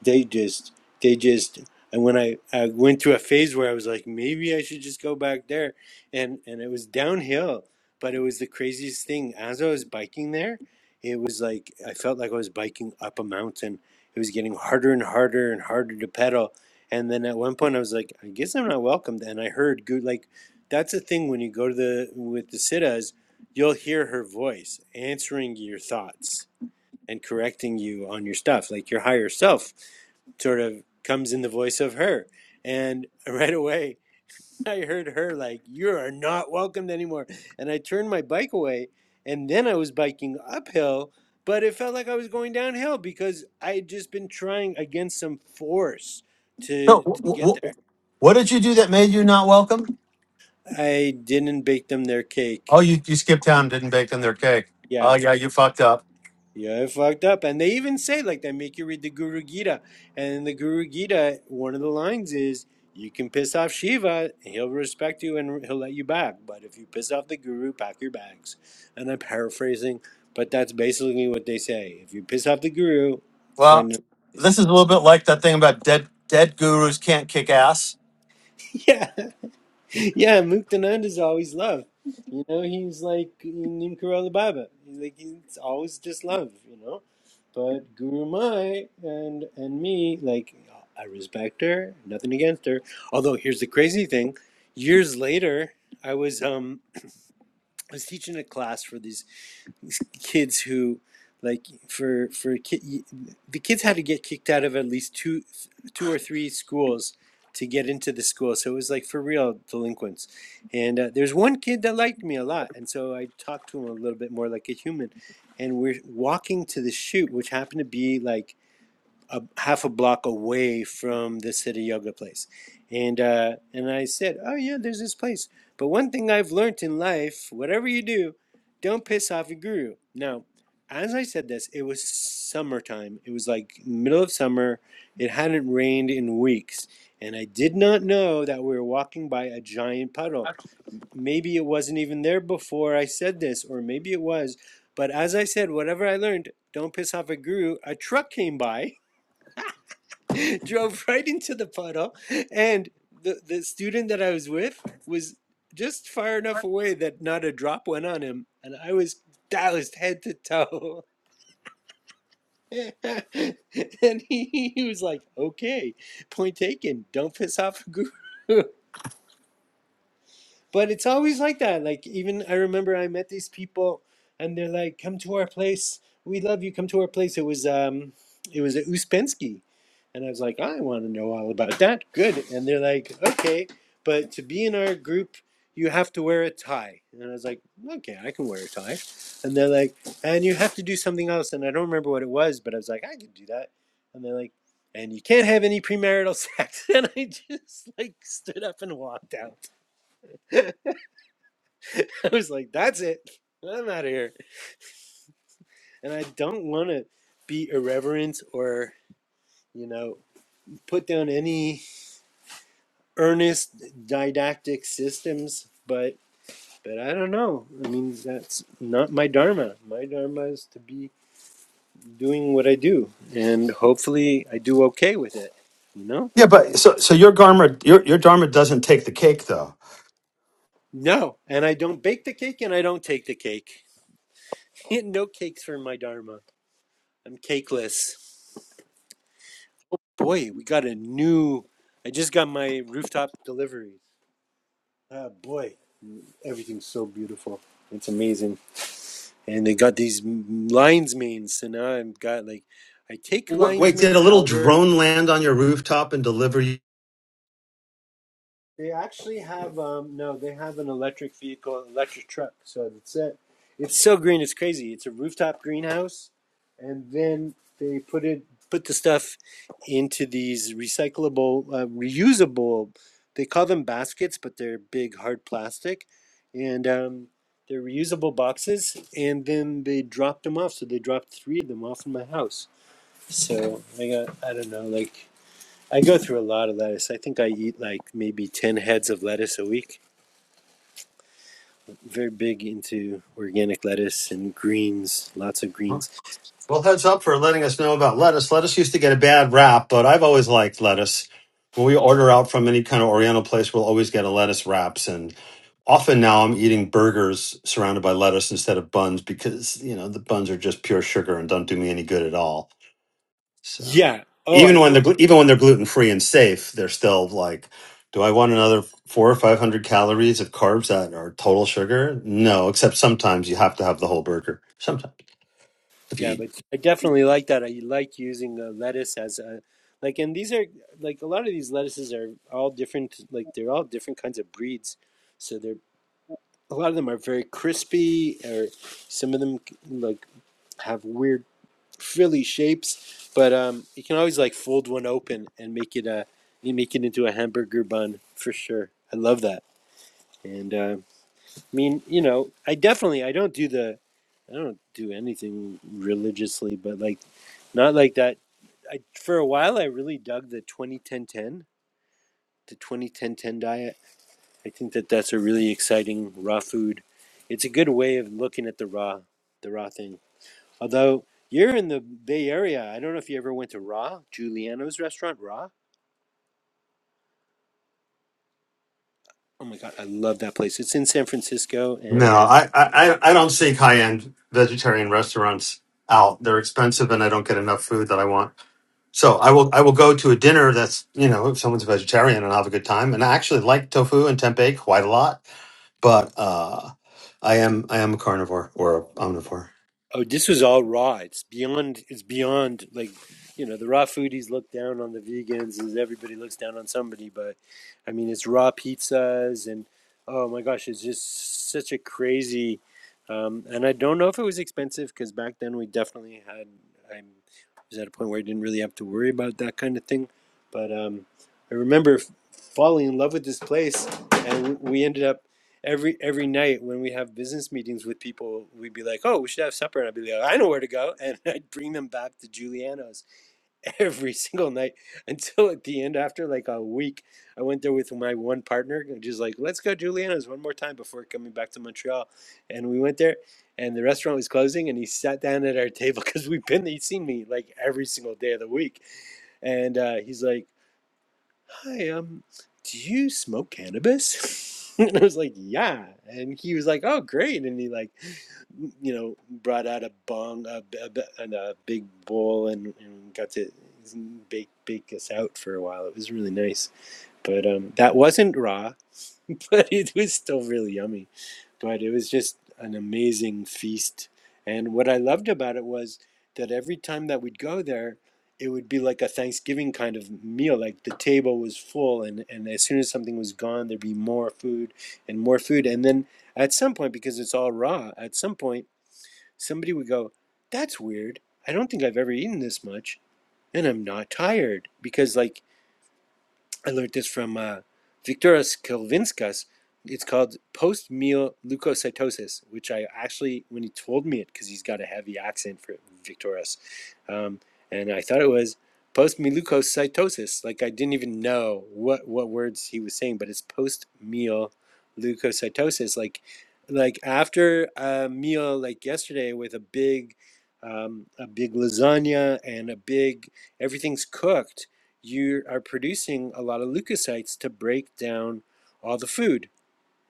S1: they just they just and when I, I went through a phase where I was like, maybe I should just go back there and and it was downhill, but it was the craziest thing. As I was biking there, it was like I felt like I was biking up a mountain. It was getting harder and harder and harder to pedal. And then at one point I was like, I guess I'm not welcomed. And I heard good like that's the thing when you go to the with the sitas, you'll hear her voice answering your thoughts and correcting you on your stuff. Like your higher self sort of comes in the voice of her. And right away, I heard her like, You are not welcomed anymore. And I turned my bike away. And then I was biking uphill, but it felt like I was going downhill because I had just been trying against some force
S4: so
S1: to,
S4: wh-
S1: to get
S4: wh-
S1: there.
S4: wh- what did you do that made you not welcome
S1: I didn't bake them their
S4: oh
S1: cake.
S4: you, you skipped town and didn't bake them their cake
S1: Yeah.
S4: oh yeah you fucked up
S1: Yeah, it fucked up. And they even say, like, they make you read the Guru Gita. And in the Guru Gita, one of the lines is, you can piss off Shiva, he'll respect you and he'll let you back. But if you piss off the Guru, pack your bags. And I'm paraphrasing, but that's basically what they say. If you piss off the Guru,
S4: well
S1: find another
S4: this is
S1: place.
S4: a little bit like that thing about dead dead gurus can't kick ass
S1: Yeah. yeah, Muktanand is always love. You know, he's like Nimkarala Baba. Like it's always just love. You know, but Guru Mai and and me, like I respect her, nothing against her. Although here's the crazy thing: years later, I was um I was teaching a class for these kids who like for for ki- the kids had to get kicked out of at least two two or three schools to get into the school so it was like for real delinquents and uh, there's one kid that liked me a lot and so i talked to him a little bit more like a human and we're walking to the shoot which happened to be like a half a block away from the city yoga place and uh, and i said oh yeah there's this place but one thing i've learned in life whatever you do don't piss off your guru now as i said this it was summertime it was like middle of summer it hadn't rained in weeks and i did not know that we were walking by a giant puddle maybe it wasn't even there before i said this or maybe it was but as i said whatever i learned don't piss off a guru a truck came by drove right into the puddle and the the student that I was with was just far enough away that not a drop went on him and I was doused head to toe. and he, he was like, "Okay, point taken. Don't piss off a guru." But it's always like that. Like even I remember I met these people and they're like, "Come to our place. We love you. Come to our place." It was um it was at Uspensky. And I was like, "I want to know all about that." Good. And they're like, "Okay, but to be in our group, you have to wear a tie." And I was like, "Okay, I can wear a tie." And they're like, "And you have to do something else." And I don't remember what it was, but I was like, "I could do that." And they're like, and you can't have any premarital sex. And I just like stood up and walked out. I was like, that's it. I'm out of here. And I don't want to be irreverent or, you know, put down any earnest didactic systems, but but I don't know. I mean, that's not my dharma. My dharma is to be doing what I do, and hopefully I do okay with it, you know?
S4: Yeah, but so so your dharma your your dharma doesn't take the cake though.
S1: No, and I don't bake the cake and I don't take the cake. no cakes for my dharma. I'm cakeless. boy, we got a new. I just got my rooftop deliveries. Ah, boy, everything's so beautiful. It's amazing. And they got these m- lion's manes, so now I've got like, I take
S4: Wh-
S1: lion's
S4: Wait, did
S1: mane
S4: a little
S1: powder
S4: drone land on your rooftop and deliver you?
S1: They actually have um no, they have an electric vehicle, electric truck. So that's it. It's so green, it's crazy. It's a rooftop greenhouse, and then they put it put the stuff into these recyclable, uh, reusable. They call them baskets, but they're big hard plastic, and um, they're reusable boxes. And then they dropped them off. So they dropped three of them off in my house. So I got I don't know like I go through a lot of lettuce. I think I eat like maybe 10 heads of lettuce a week. Very big into organic lettuce and greens, lots of greens.
S4: Well, heads up for letting us know about lettuce. Lettuce used to get a bad rap, but I've always liked lettuce. When we order out from any kind of Oriental place, we'll always get a lettuce wraps. And often now I'm eating burgers surrounded by lettuce instead of buns because, you know, the buns are just pure sugar and don't do me any good at all. So
S1: Yeah. Oh, I
S4: even when
S1: think,
S4: they're glu- even when they're gluten free and safe, they're still like, do I want another four or five hundred calories of carbs that are total sugar? No, except sometimes you have to have the whole burger. Sometimes if you
S1: yeah,
S4: eat.
S1: but I definitely like that. I like using uh, lettuce as a, like, and these are, like, a lot of these lettuces are all different, like, they're all different kinds of breeds. So they're, a lot of them are very crispy, or some of them, like, have weird frilly shapes, but um, you can always like fold one open and make it a you make it into a hamburger bun for sure. I love that. And uh, I mean, you know, I definitely I don't do the I don't do anything religiously, but like not like that. I for a while I really dug the twenty ten ten the twenty ten ten diet. I think that that's a really exciting raw food. It's a good way of looking at the raw the raw thing. Although you're in the Bay Area, I don't know if you ever went to Ra, Giuliano's restaurant, Ra. Oh my God, I love that place. It's in San Francisco,
S4: No,
S1: and
S4: I I I I don't seek high end vegetarian restaurants out. They're expensive, and I don't get enough food that I want. So I will I will go to a dinner that's you know if someone's a vegetarian and I'll have a good time. And I actually like tofu and tempeh quite a lot, but uh, I am I am a carnivore or a omnivore.
S1: Oh, this was all raw. It's beyond. It's beyond like, you know, the raw foodies look down on the vegans as everybody looks down on somebody. But I mean, it's raw pizzas and oh my gosh, it's just such a crazy. Um, and I don't know if it was expensive because back then we definitely had. I was at a point where I didn't really have to worry about that kind of thing. But um, I remember f- falling in love with this place, and we ended up every every night when we have business meetings with people, we'd be like, "Oh, we should have supper," and I'd be like, "I know where to go," and I'd bring them back to Giuliano's every single night until at the end, after like a week, I went there with my one partner, and just like, "Let's go Giuliano's one more time before coming back to Montreal," and we went there. And the restaurant was closing, and he sat down at our table because we've been. He'd seen me like every single day of the week, and uh, he's like, hi, um, do you smoke cannabis? and I was like, yeah. And he was like, oh, great. And he like, you know, brought out a bong, a a, and a big bowl, and, and got to bake bake us out for a while. It was really nice. But um, that wasn't raw, but it was still really yummy but it was just an amazing feast. And what I loved about it was that every time that we'd go there, it would be like a Thanksgiving kind of meal. Like the table was full, and, and as soon as something was gone, there'd be more food and more food. And then at some point, because it's all raw, at some point, somebody would go, That's weird. I don't think I've ever eaten this much, and I'm not tired. Because, like, I learned this from uh, Victoras Kelvinskas. It's called post meal leukocytosis, which I actually, when he told me it, because he's got a heavy accent for Victoras, um, and I thought it was post meal leukocytosis. Like I didn't even know what, what words he was saying, but it's post meal leukocytosis. Like like after a meal like yesterday with a big um, a big lasagna and a big everything's cooked you are producing a lot of leukocytes to break down all the food.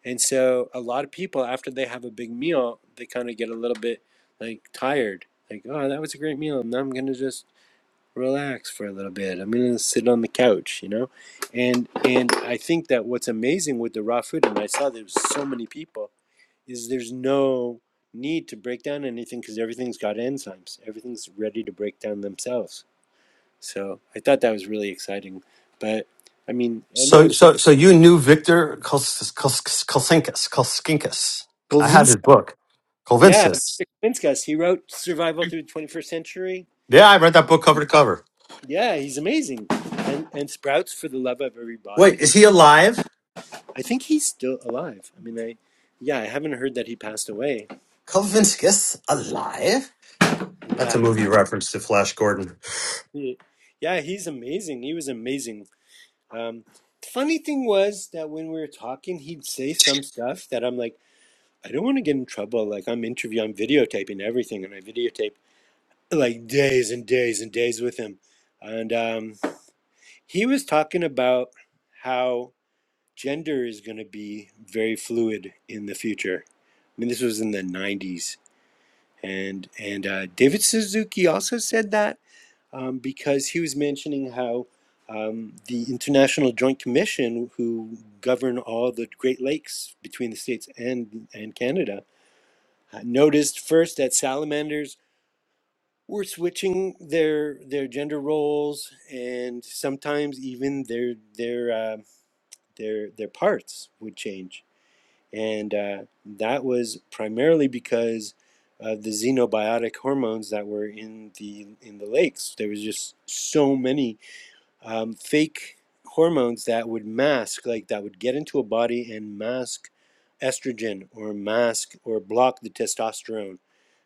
S1: And so a lot of people after they have a big meal, they kind of get a little bit like tired. Like, oh, that was a great meal. Now I'm gonna just relax for a little bit. I'm gonna sit on the couch, you know? And and I think that what's amazing with the raw food, and I saw there's so many people, is there's no need to break down anything because everything's got enzymes. Everything's ready to break down themselves. So I thought that was really exciting. But I mean, I know
S4: So,
S1: it's not.
S4: so, so you knew Victor Kos- Kos- Kosinkas, Koskinkas. I had
S1: Golvinsky.
S4: his book,
S1: Yeah,
S4: Kolvinskis.
S1: Victor Kavinskas, he wrote Survival Through the 21st Century.
S4: Yeah, I read that book cover to cover.
S1: Yeah, he's amazing. And and Sprouts for the Love of Everybody.
S4: Wait,
S1: He,
S4: is he alive?
S1: I think he's still alive. I mean, I yeah, I haven't heard that he passed away.
S4: Kolvinskis alive? That's a
S1: Yeah.
S4: movie reference to Flash Gordon.
S1: He- Yeah, he's amazing. He was amazing. Um, the funny thing was that when we were talking, he'd say some stuff that I'm like, I don't want to get in trouble. Like I'm interview, I'm videotaping everything, and I videotape like days and days and days with him. And um, he was talking about how gender is going to be very fluid in the future. I mean, this was in the 90s. And, and uh, David Suzuki also said that um, because he was mentioning how um, the International Joint Commission, who govern all the Great Lakes between the States and, and Canada, uh, noticed first that salamanders were switching their their gender roles and sometimes even their their uh, their their parts would change and uh, that was primarily because of the xenobiotic hormones that were in the in the lakes there was just so many um, fake hormones that would mask, like that would get into a body and mask estrogen or mask or block the testosterone.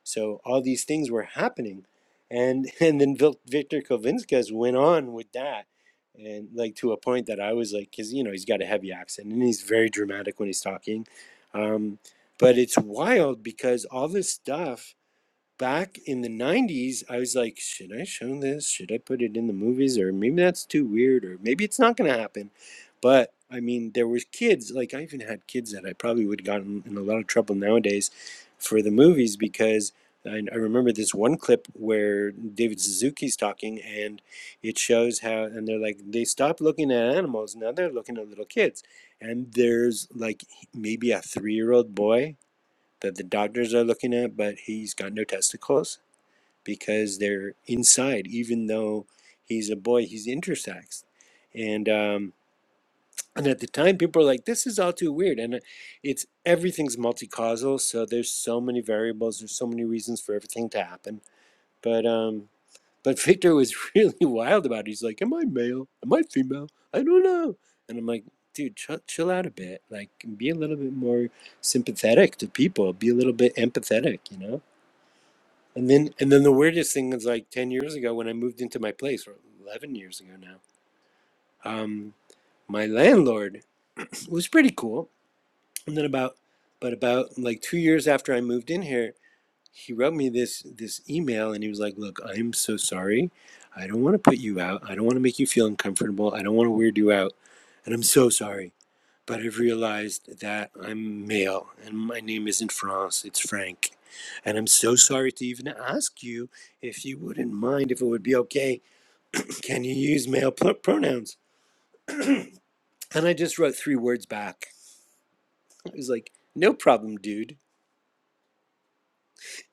S1: So all these things were happening, and and then Vil- Victor Kovinskas went on with that, and like to a point that I was like, because you know he's got a heavy accent and he's very dramatic when he's talking, um, but it's wild because all this stuff back in the 90s i was like should i show this should i put it in the movies or maybe that's too weird or maybe it's not going to happen but i mean there was kids like i even had kids that i probably would have gotten in a lot of trouble nowadays for the movies because I, I remember this one clip where david suzuki's talking and it shows how and they're like they stopped looking at animals now they're looking at little kids and there's like maybe a three-year-old boy that the doctors are looking at, but he's got no testicles because they're inside, even though he's a boy, he's intersex. And um, and at the time, people were like, "This is all too weird." And uh, it's everything's multicausal, so there's so many variables, there's so many reasons for everything to happen. But um, but Victor was really wild about it. He's like, "Am I male? Am I female? I don't know." And I'm like, "Dude, chill, chill out a bit. Like, be a little bit more." sympathetic to people be a little bit empathetic you know and then and then the weirdest thing is like ten years ago when I moved into my place, or eleven years ago now, um, my landlord was pretty cool. And then about but about like two years after I moved in here, he wrote me this this email and he was like, Look, I'm so sorry. I don't want to put you out. I don't want to make you feel uncomfortable. I don't want to weird you out. And I'm so sorry but I've realized that I'm male and my name isn't France, it's Frank. And I'm so sorry to even ask you if you wouldn't mind, if it would be okay, can you use male pr- pronouns? And I just wrote three words back. I was like, no problem, dude.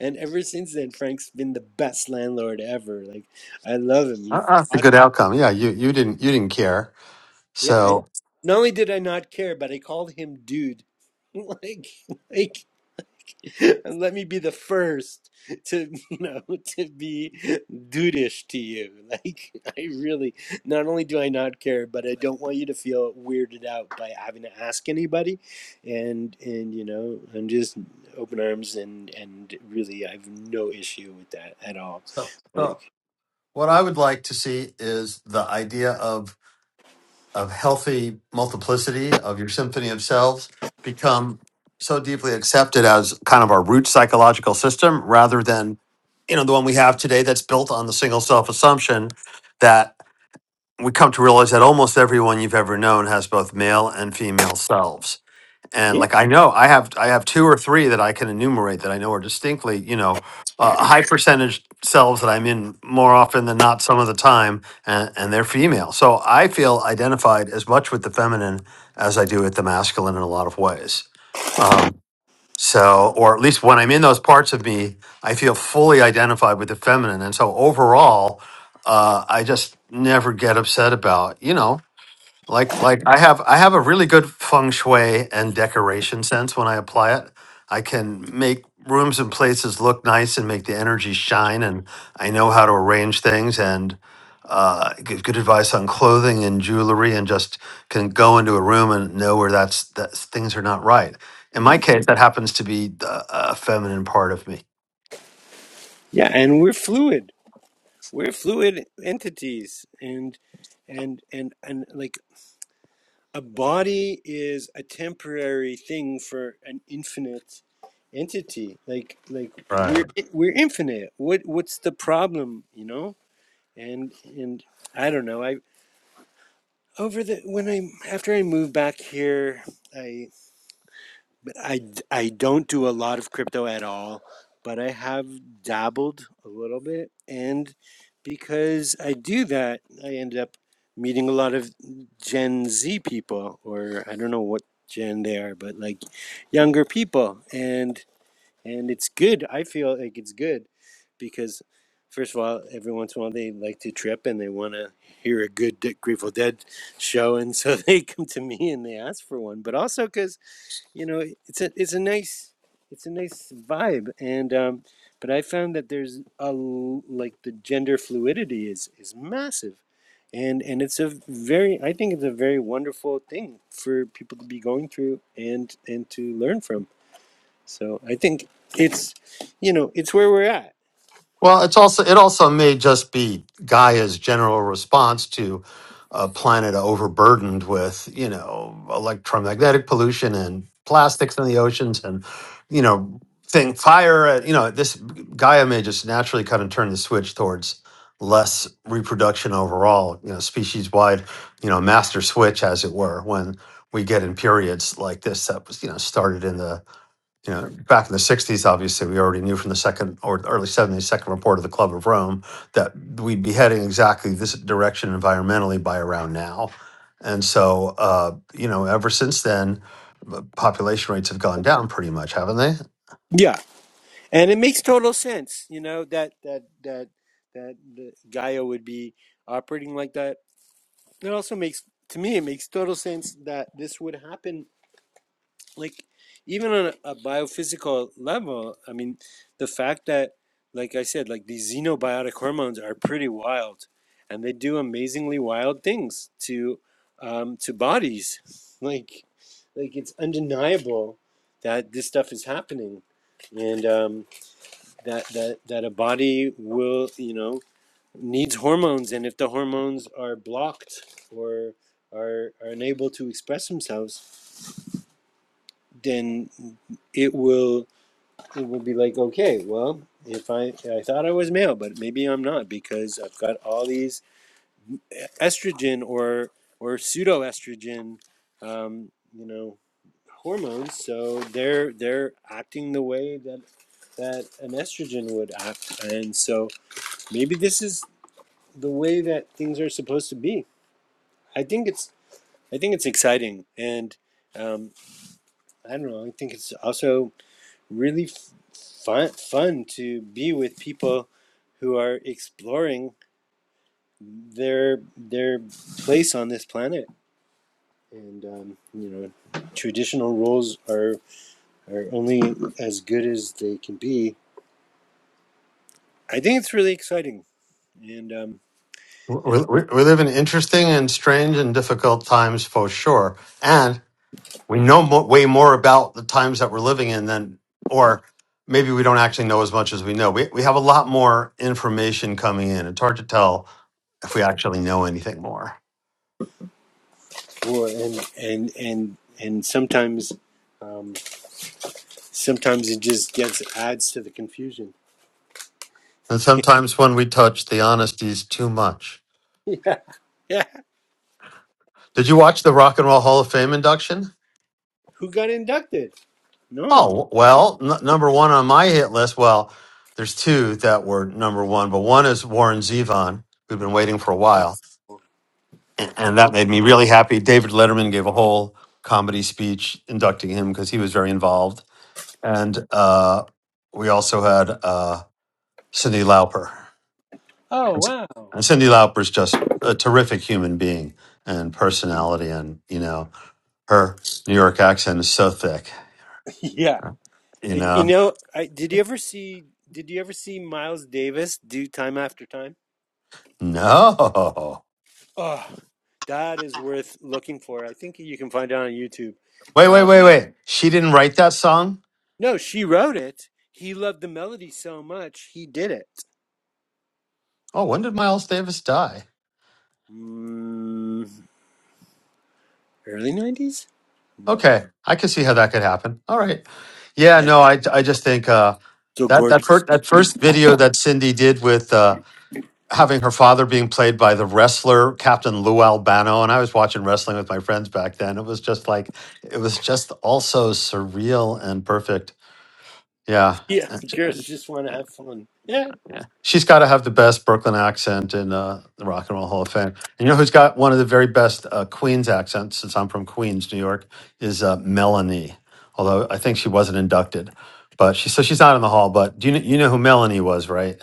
S1: And ever since then, Frank's been the best landlord ever. Like, I love him.
S4: Uh,
S1: He's
S4: uh, that's a
S1: awesome.
S4: good outcome. Yeah, you you didn't you didn't care.
S1: Yeah, I
S4: So,
S1: not only did I not care, but I called him dude. Like, like and let me be the first to you know to be dudeish to you like i really not only do i not care but i don't want you to feel weirded out by having to ask anybody and and you know i'm just open arms and and really i have no issue with that at all
S4: so, so
S1: like
S4: what I would like to see is the idea of. of healthy multiplicity of your symphony of selves become so deeply accepted as kind of our root psychological system rather than you know the one we have today that's built on the single self assumption that we come to realize that almost everyone you've ever known has both male and female selves and
S1: yeah
S4: like I know I have I have two or three that I can enumerate that I know are distinctly, you know, uh, high percentage cells that I'm in more often than not some of the time and, and they're female. So I feel identified as much with the feminine as I do with the masculine in a lot of ways. Um, so or at least when I'm in those parts of me, I feel fully identified with the feminine. And so overall, uh, I just never get upset about, you know, like like I have I have a really good feng shui and decoration sense when I apply it. I can make rooms and places look nice and make the energy shine and I know how to arrange things and uh, give good advice on clothing and jewelry and just can go into a room and know where that's that things are not right. In my case, that happens to be the, a feminine part of me.
S1: yeah and we're fluid we're fluid entities and and and and like a body is a temporary thing for an infinite entity like like we're we're infinite what what's the problem you know and and i don't know i over the when i after i moved back here I. I I d- I don't do a lot of crypto at all, but I have dabbled a little bit. And because I do that, I end up meeting a lot of Gen Z people, or I don't know what gen they are, but like younger people. And and it's good. I feel like it's good because first of all, every once in a while they like to trip and they want to hear a good Grateful Dead show, and so they come to me and they ask for one. But also because you know it's a it's a nice it's a nice vibe and um but i found that there's a like the gender fluidity is is massive and and it's a very i think it's a very wonderful thing for people to be going through and and to learn from so i think it's you know it's where we're at
S4: Well, it's also it also may just be Gaia's general response to a planet overburdened with you know electromagnetic pollution and plastics in the oceans and you know thing fire. uh, You know this Gaia may just naturally kind of turn the switch towards less reproduction overall. You know, species wide. You know, master switch as it were when we get in periods like this that was you know started in the you know, back in the 60s, obviously, we already knew from the second or the early 70s, second report of the Club of Rome that we'd be heading exactly this direction environmentally by around now. And so, uh, you know, ever since then, the population rates have gone down pretty much, haven't they?
S1: yeah and it makes total sense you know that that that that the gaia would be operating like that it also makes to me it makes total sense that this would happen like even on a, biophysical level i mean the fact that like i said like these xenobiotic hormones are pretty wild and they do amazingly wild things to um, to bodies like like it's undeniable that this stuff is happening and um, that that that a body will you know needs hormones and if the hormones are blocked or are, are unable to express themselves then it will it would be like, okay, well, if I I thought I was male, but maybe I'm not because I've got all these estrogen or or pseudoestrogen, um, you know, hormones. So they're they're acting the way that that an estrogen would act, and so maybe this is the way that things are supposed to be. I think it's I think it's exciting, and um, I don't know. I think it's also really f- fun fun to be with people who are exploring their their place on this planet and um, you know traditional roles are are only as good as they can be i think it's really exciting and um
S4: We,
S1: and
S4: we, we live in interesting and strange and difficult times for sure. And we know mo- way more about the times that we're living in than, or maybe we don't actually know as much as we know. We, we have a lot more information coming in. It's hard to tell if we actually know anything more.
S1: well, and and and and sometimes um, sometimes it just gets adds to the confusion
S4: And sometimes when we touch the honesty is too much.
S1: yeah yeah
S4: Did you watch the Rock and Roll Hall of Fame induction?
S1: who got inducted no
S4: Oh, well, n- number one on my hit list. Well, there's two that were number one, but one is Warren Zevon, who've been waiting for a while and, and that made me really happy. David Letterman gave a whole comedy speech inducting him because he was very involved, and uh, we also had uh, Cindy Lauper.
S1: oh
S4: And C-
S1: wow
S4: and Cindy Lauper is just a terrific human being and personality, and you know her New York accent is so thick.
S1: Yeah.
S4: You
S1: Uh, You
S4: know,
S1: know, I, did you ever see? Did you ever see Miles Davis do Time After Time?
S4: no,
S1: Oh, that is worth looking for. I think you can find it on YouTube.
S4: wait, wait,
S1: Um,
S4: wait, wait. She didn't write that song.
S1: no, she wrote it. He loved the melody so much he did it.
S4: Oh, when did Miles Davis die?
S1: Mm, early nineties? No,
S4: Okay, I can see how that could happen. All right. Yeah,
S1: and
S4: no, I I just think uh,
S1: so
S4: that that
S1: gorgeous.
S4: first that first video that Cindy did with uh, having her father being played by the wrestler Captain Lou Albano, and I was watching wrestling with my friends back then. It was just like it was just also surreal and perfect. Yeah,
S1: Yeah, girls just want to have fun. Yeah,
S4: yeah. She's got to have the best Brooklyn accent in uh, the Rock and Roll Hall of Fame. And you know who's got one of the very best uh, Queens accents, since I'm from Queens, New York, is uh, Melanie. Although I think she wasn't inducted. But she, so she's not in the hall. But do you, kn- you know who Melanie was, right?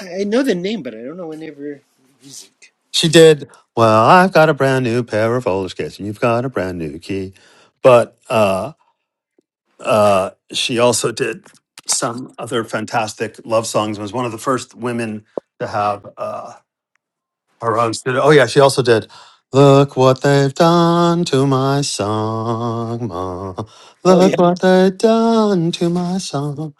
S1: I I know the name, but I don't know whenever music.
S4: She did. Well, I've got a brand new pair of roller skates and you've got a brand new key. But uh, uh, she also did some other fantastic love songs was one of the first women to have. Uh, Her own studio. Oh yeah, she also did. Look what they've done to my song, ma.
S1: Oh yeah,
S4: Look what they've done to my song.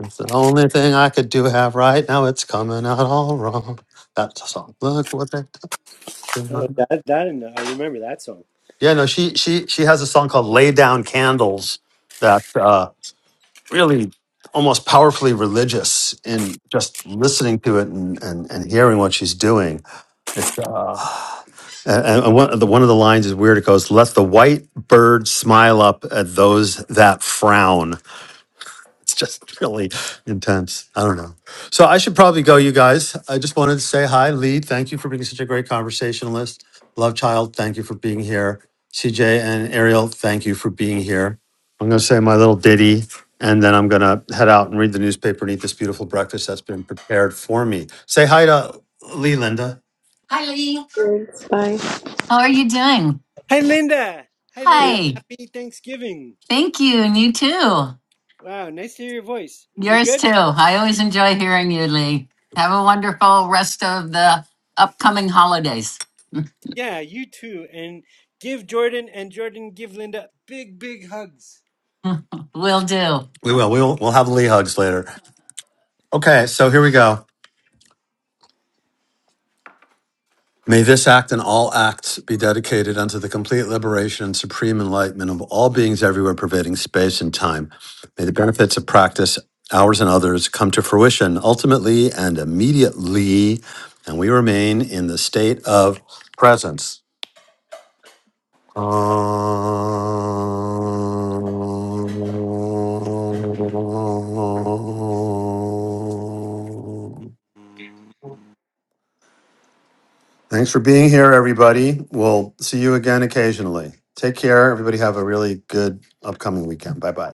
S4: It's the only thing I could do have right now. It's coming out all wrong. That's a song. Look what they've done. to
S1: oh,
S4: my-"
S1: that that I know. I remember that song.
S4: Yeah, no, she she she has a song called "Lay Down Candles." That. uh, really almost powerfully religious in just listening to it and, and, and hearing what she's doing. It's uh, and, and one, of the, one of the lines is weird. It goes, "Let the white bird smile up at those that frown." It's just really intense. I don't know. So I should probably go, you guys. I just wanted to say hi, Lee. Thank you for being such a great conversationalist. Love Child, thank you for being here. CJ and Ariel, thank you for being here. I'm going to say my little ditty and then I'm going to head out and read the newspaper and eat this beautiful breakfast that's been prepared for me. Say hi to Lee, Linda. Hi, Lee. How are you doing?
S1: Hi, Linda. Hi, Linda.
S4: Hi.
S1: Happy Thanksgiving.
S4: Thank you. And you too.
S1: Wow, nice to hear your voice. You
S4: Yours
S1: good?
S4: too. I always enjoy hearing you, Lee. Have a wonderful rest of the upcoming holidays.
S1: Yeah, you too. And give Jordan and Jordan give Linda big, big hugs.
S4: Will do. We will. We'll we'll have Lee hugs later. Okay, so here we go. May this act and all acts be dedicated unto the complete liberation and supreme enlightenment of all beings everywhere, pervading space and time. May the benefits of practice, ours and others, come to fruition ultimately and immediately, and we remain in the state of presence. Um, Thanks for being here, everybody. We'll see you again occasionally. Take care. Everybody have a really good upcoming weekend. Bye bye.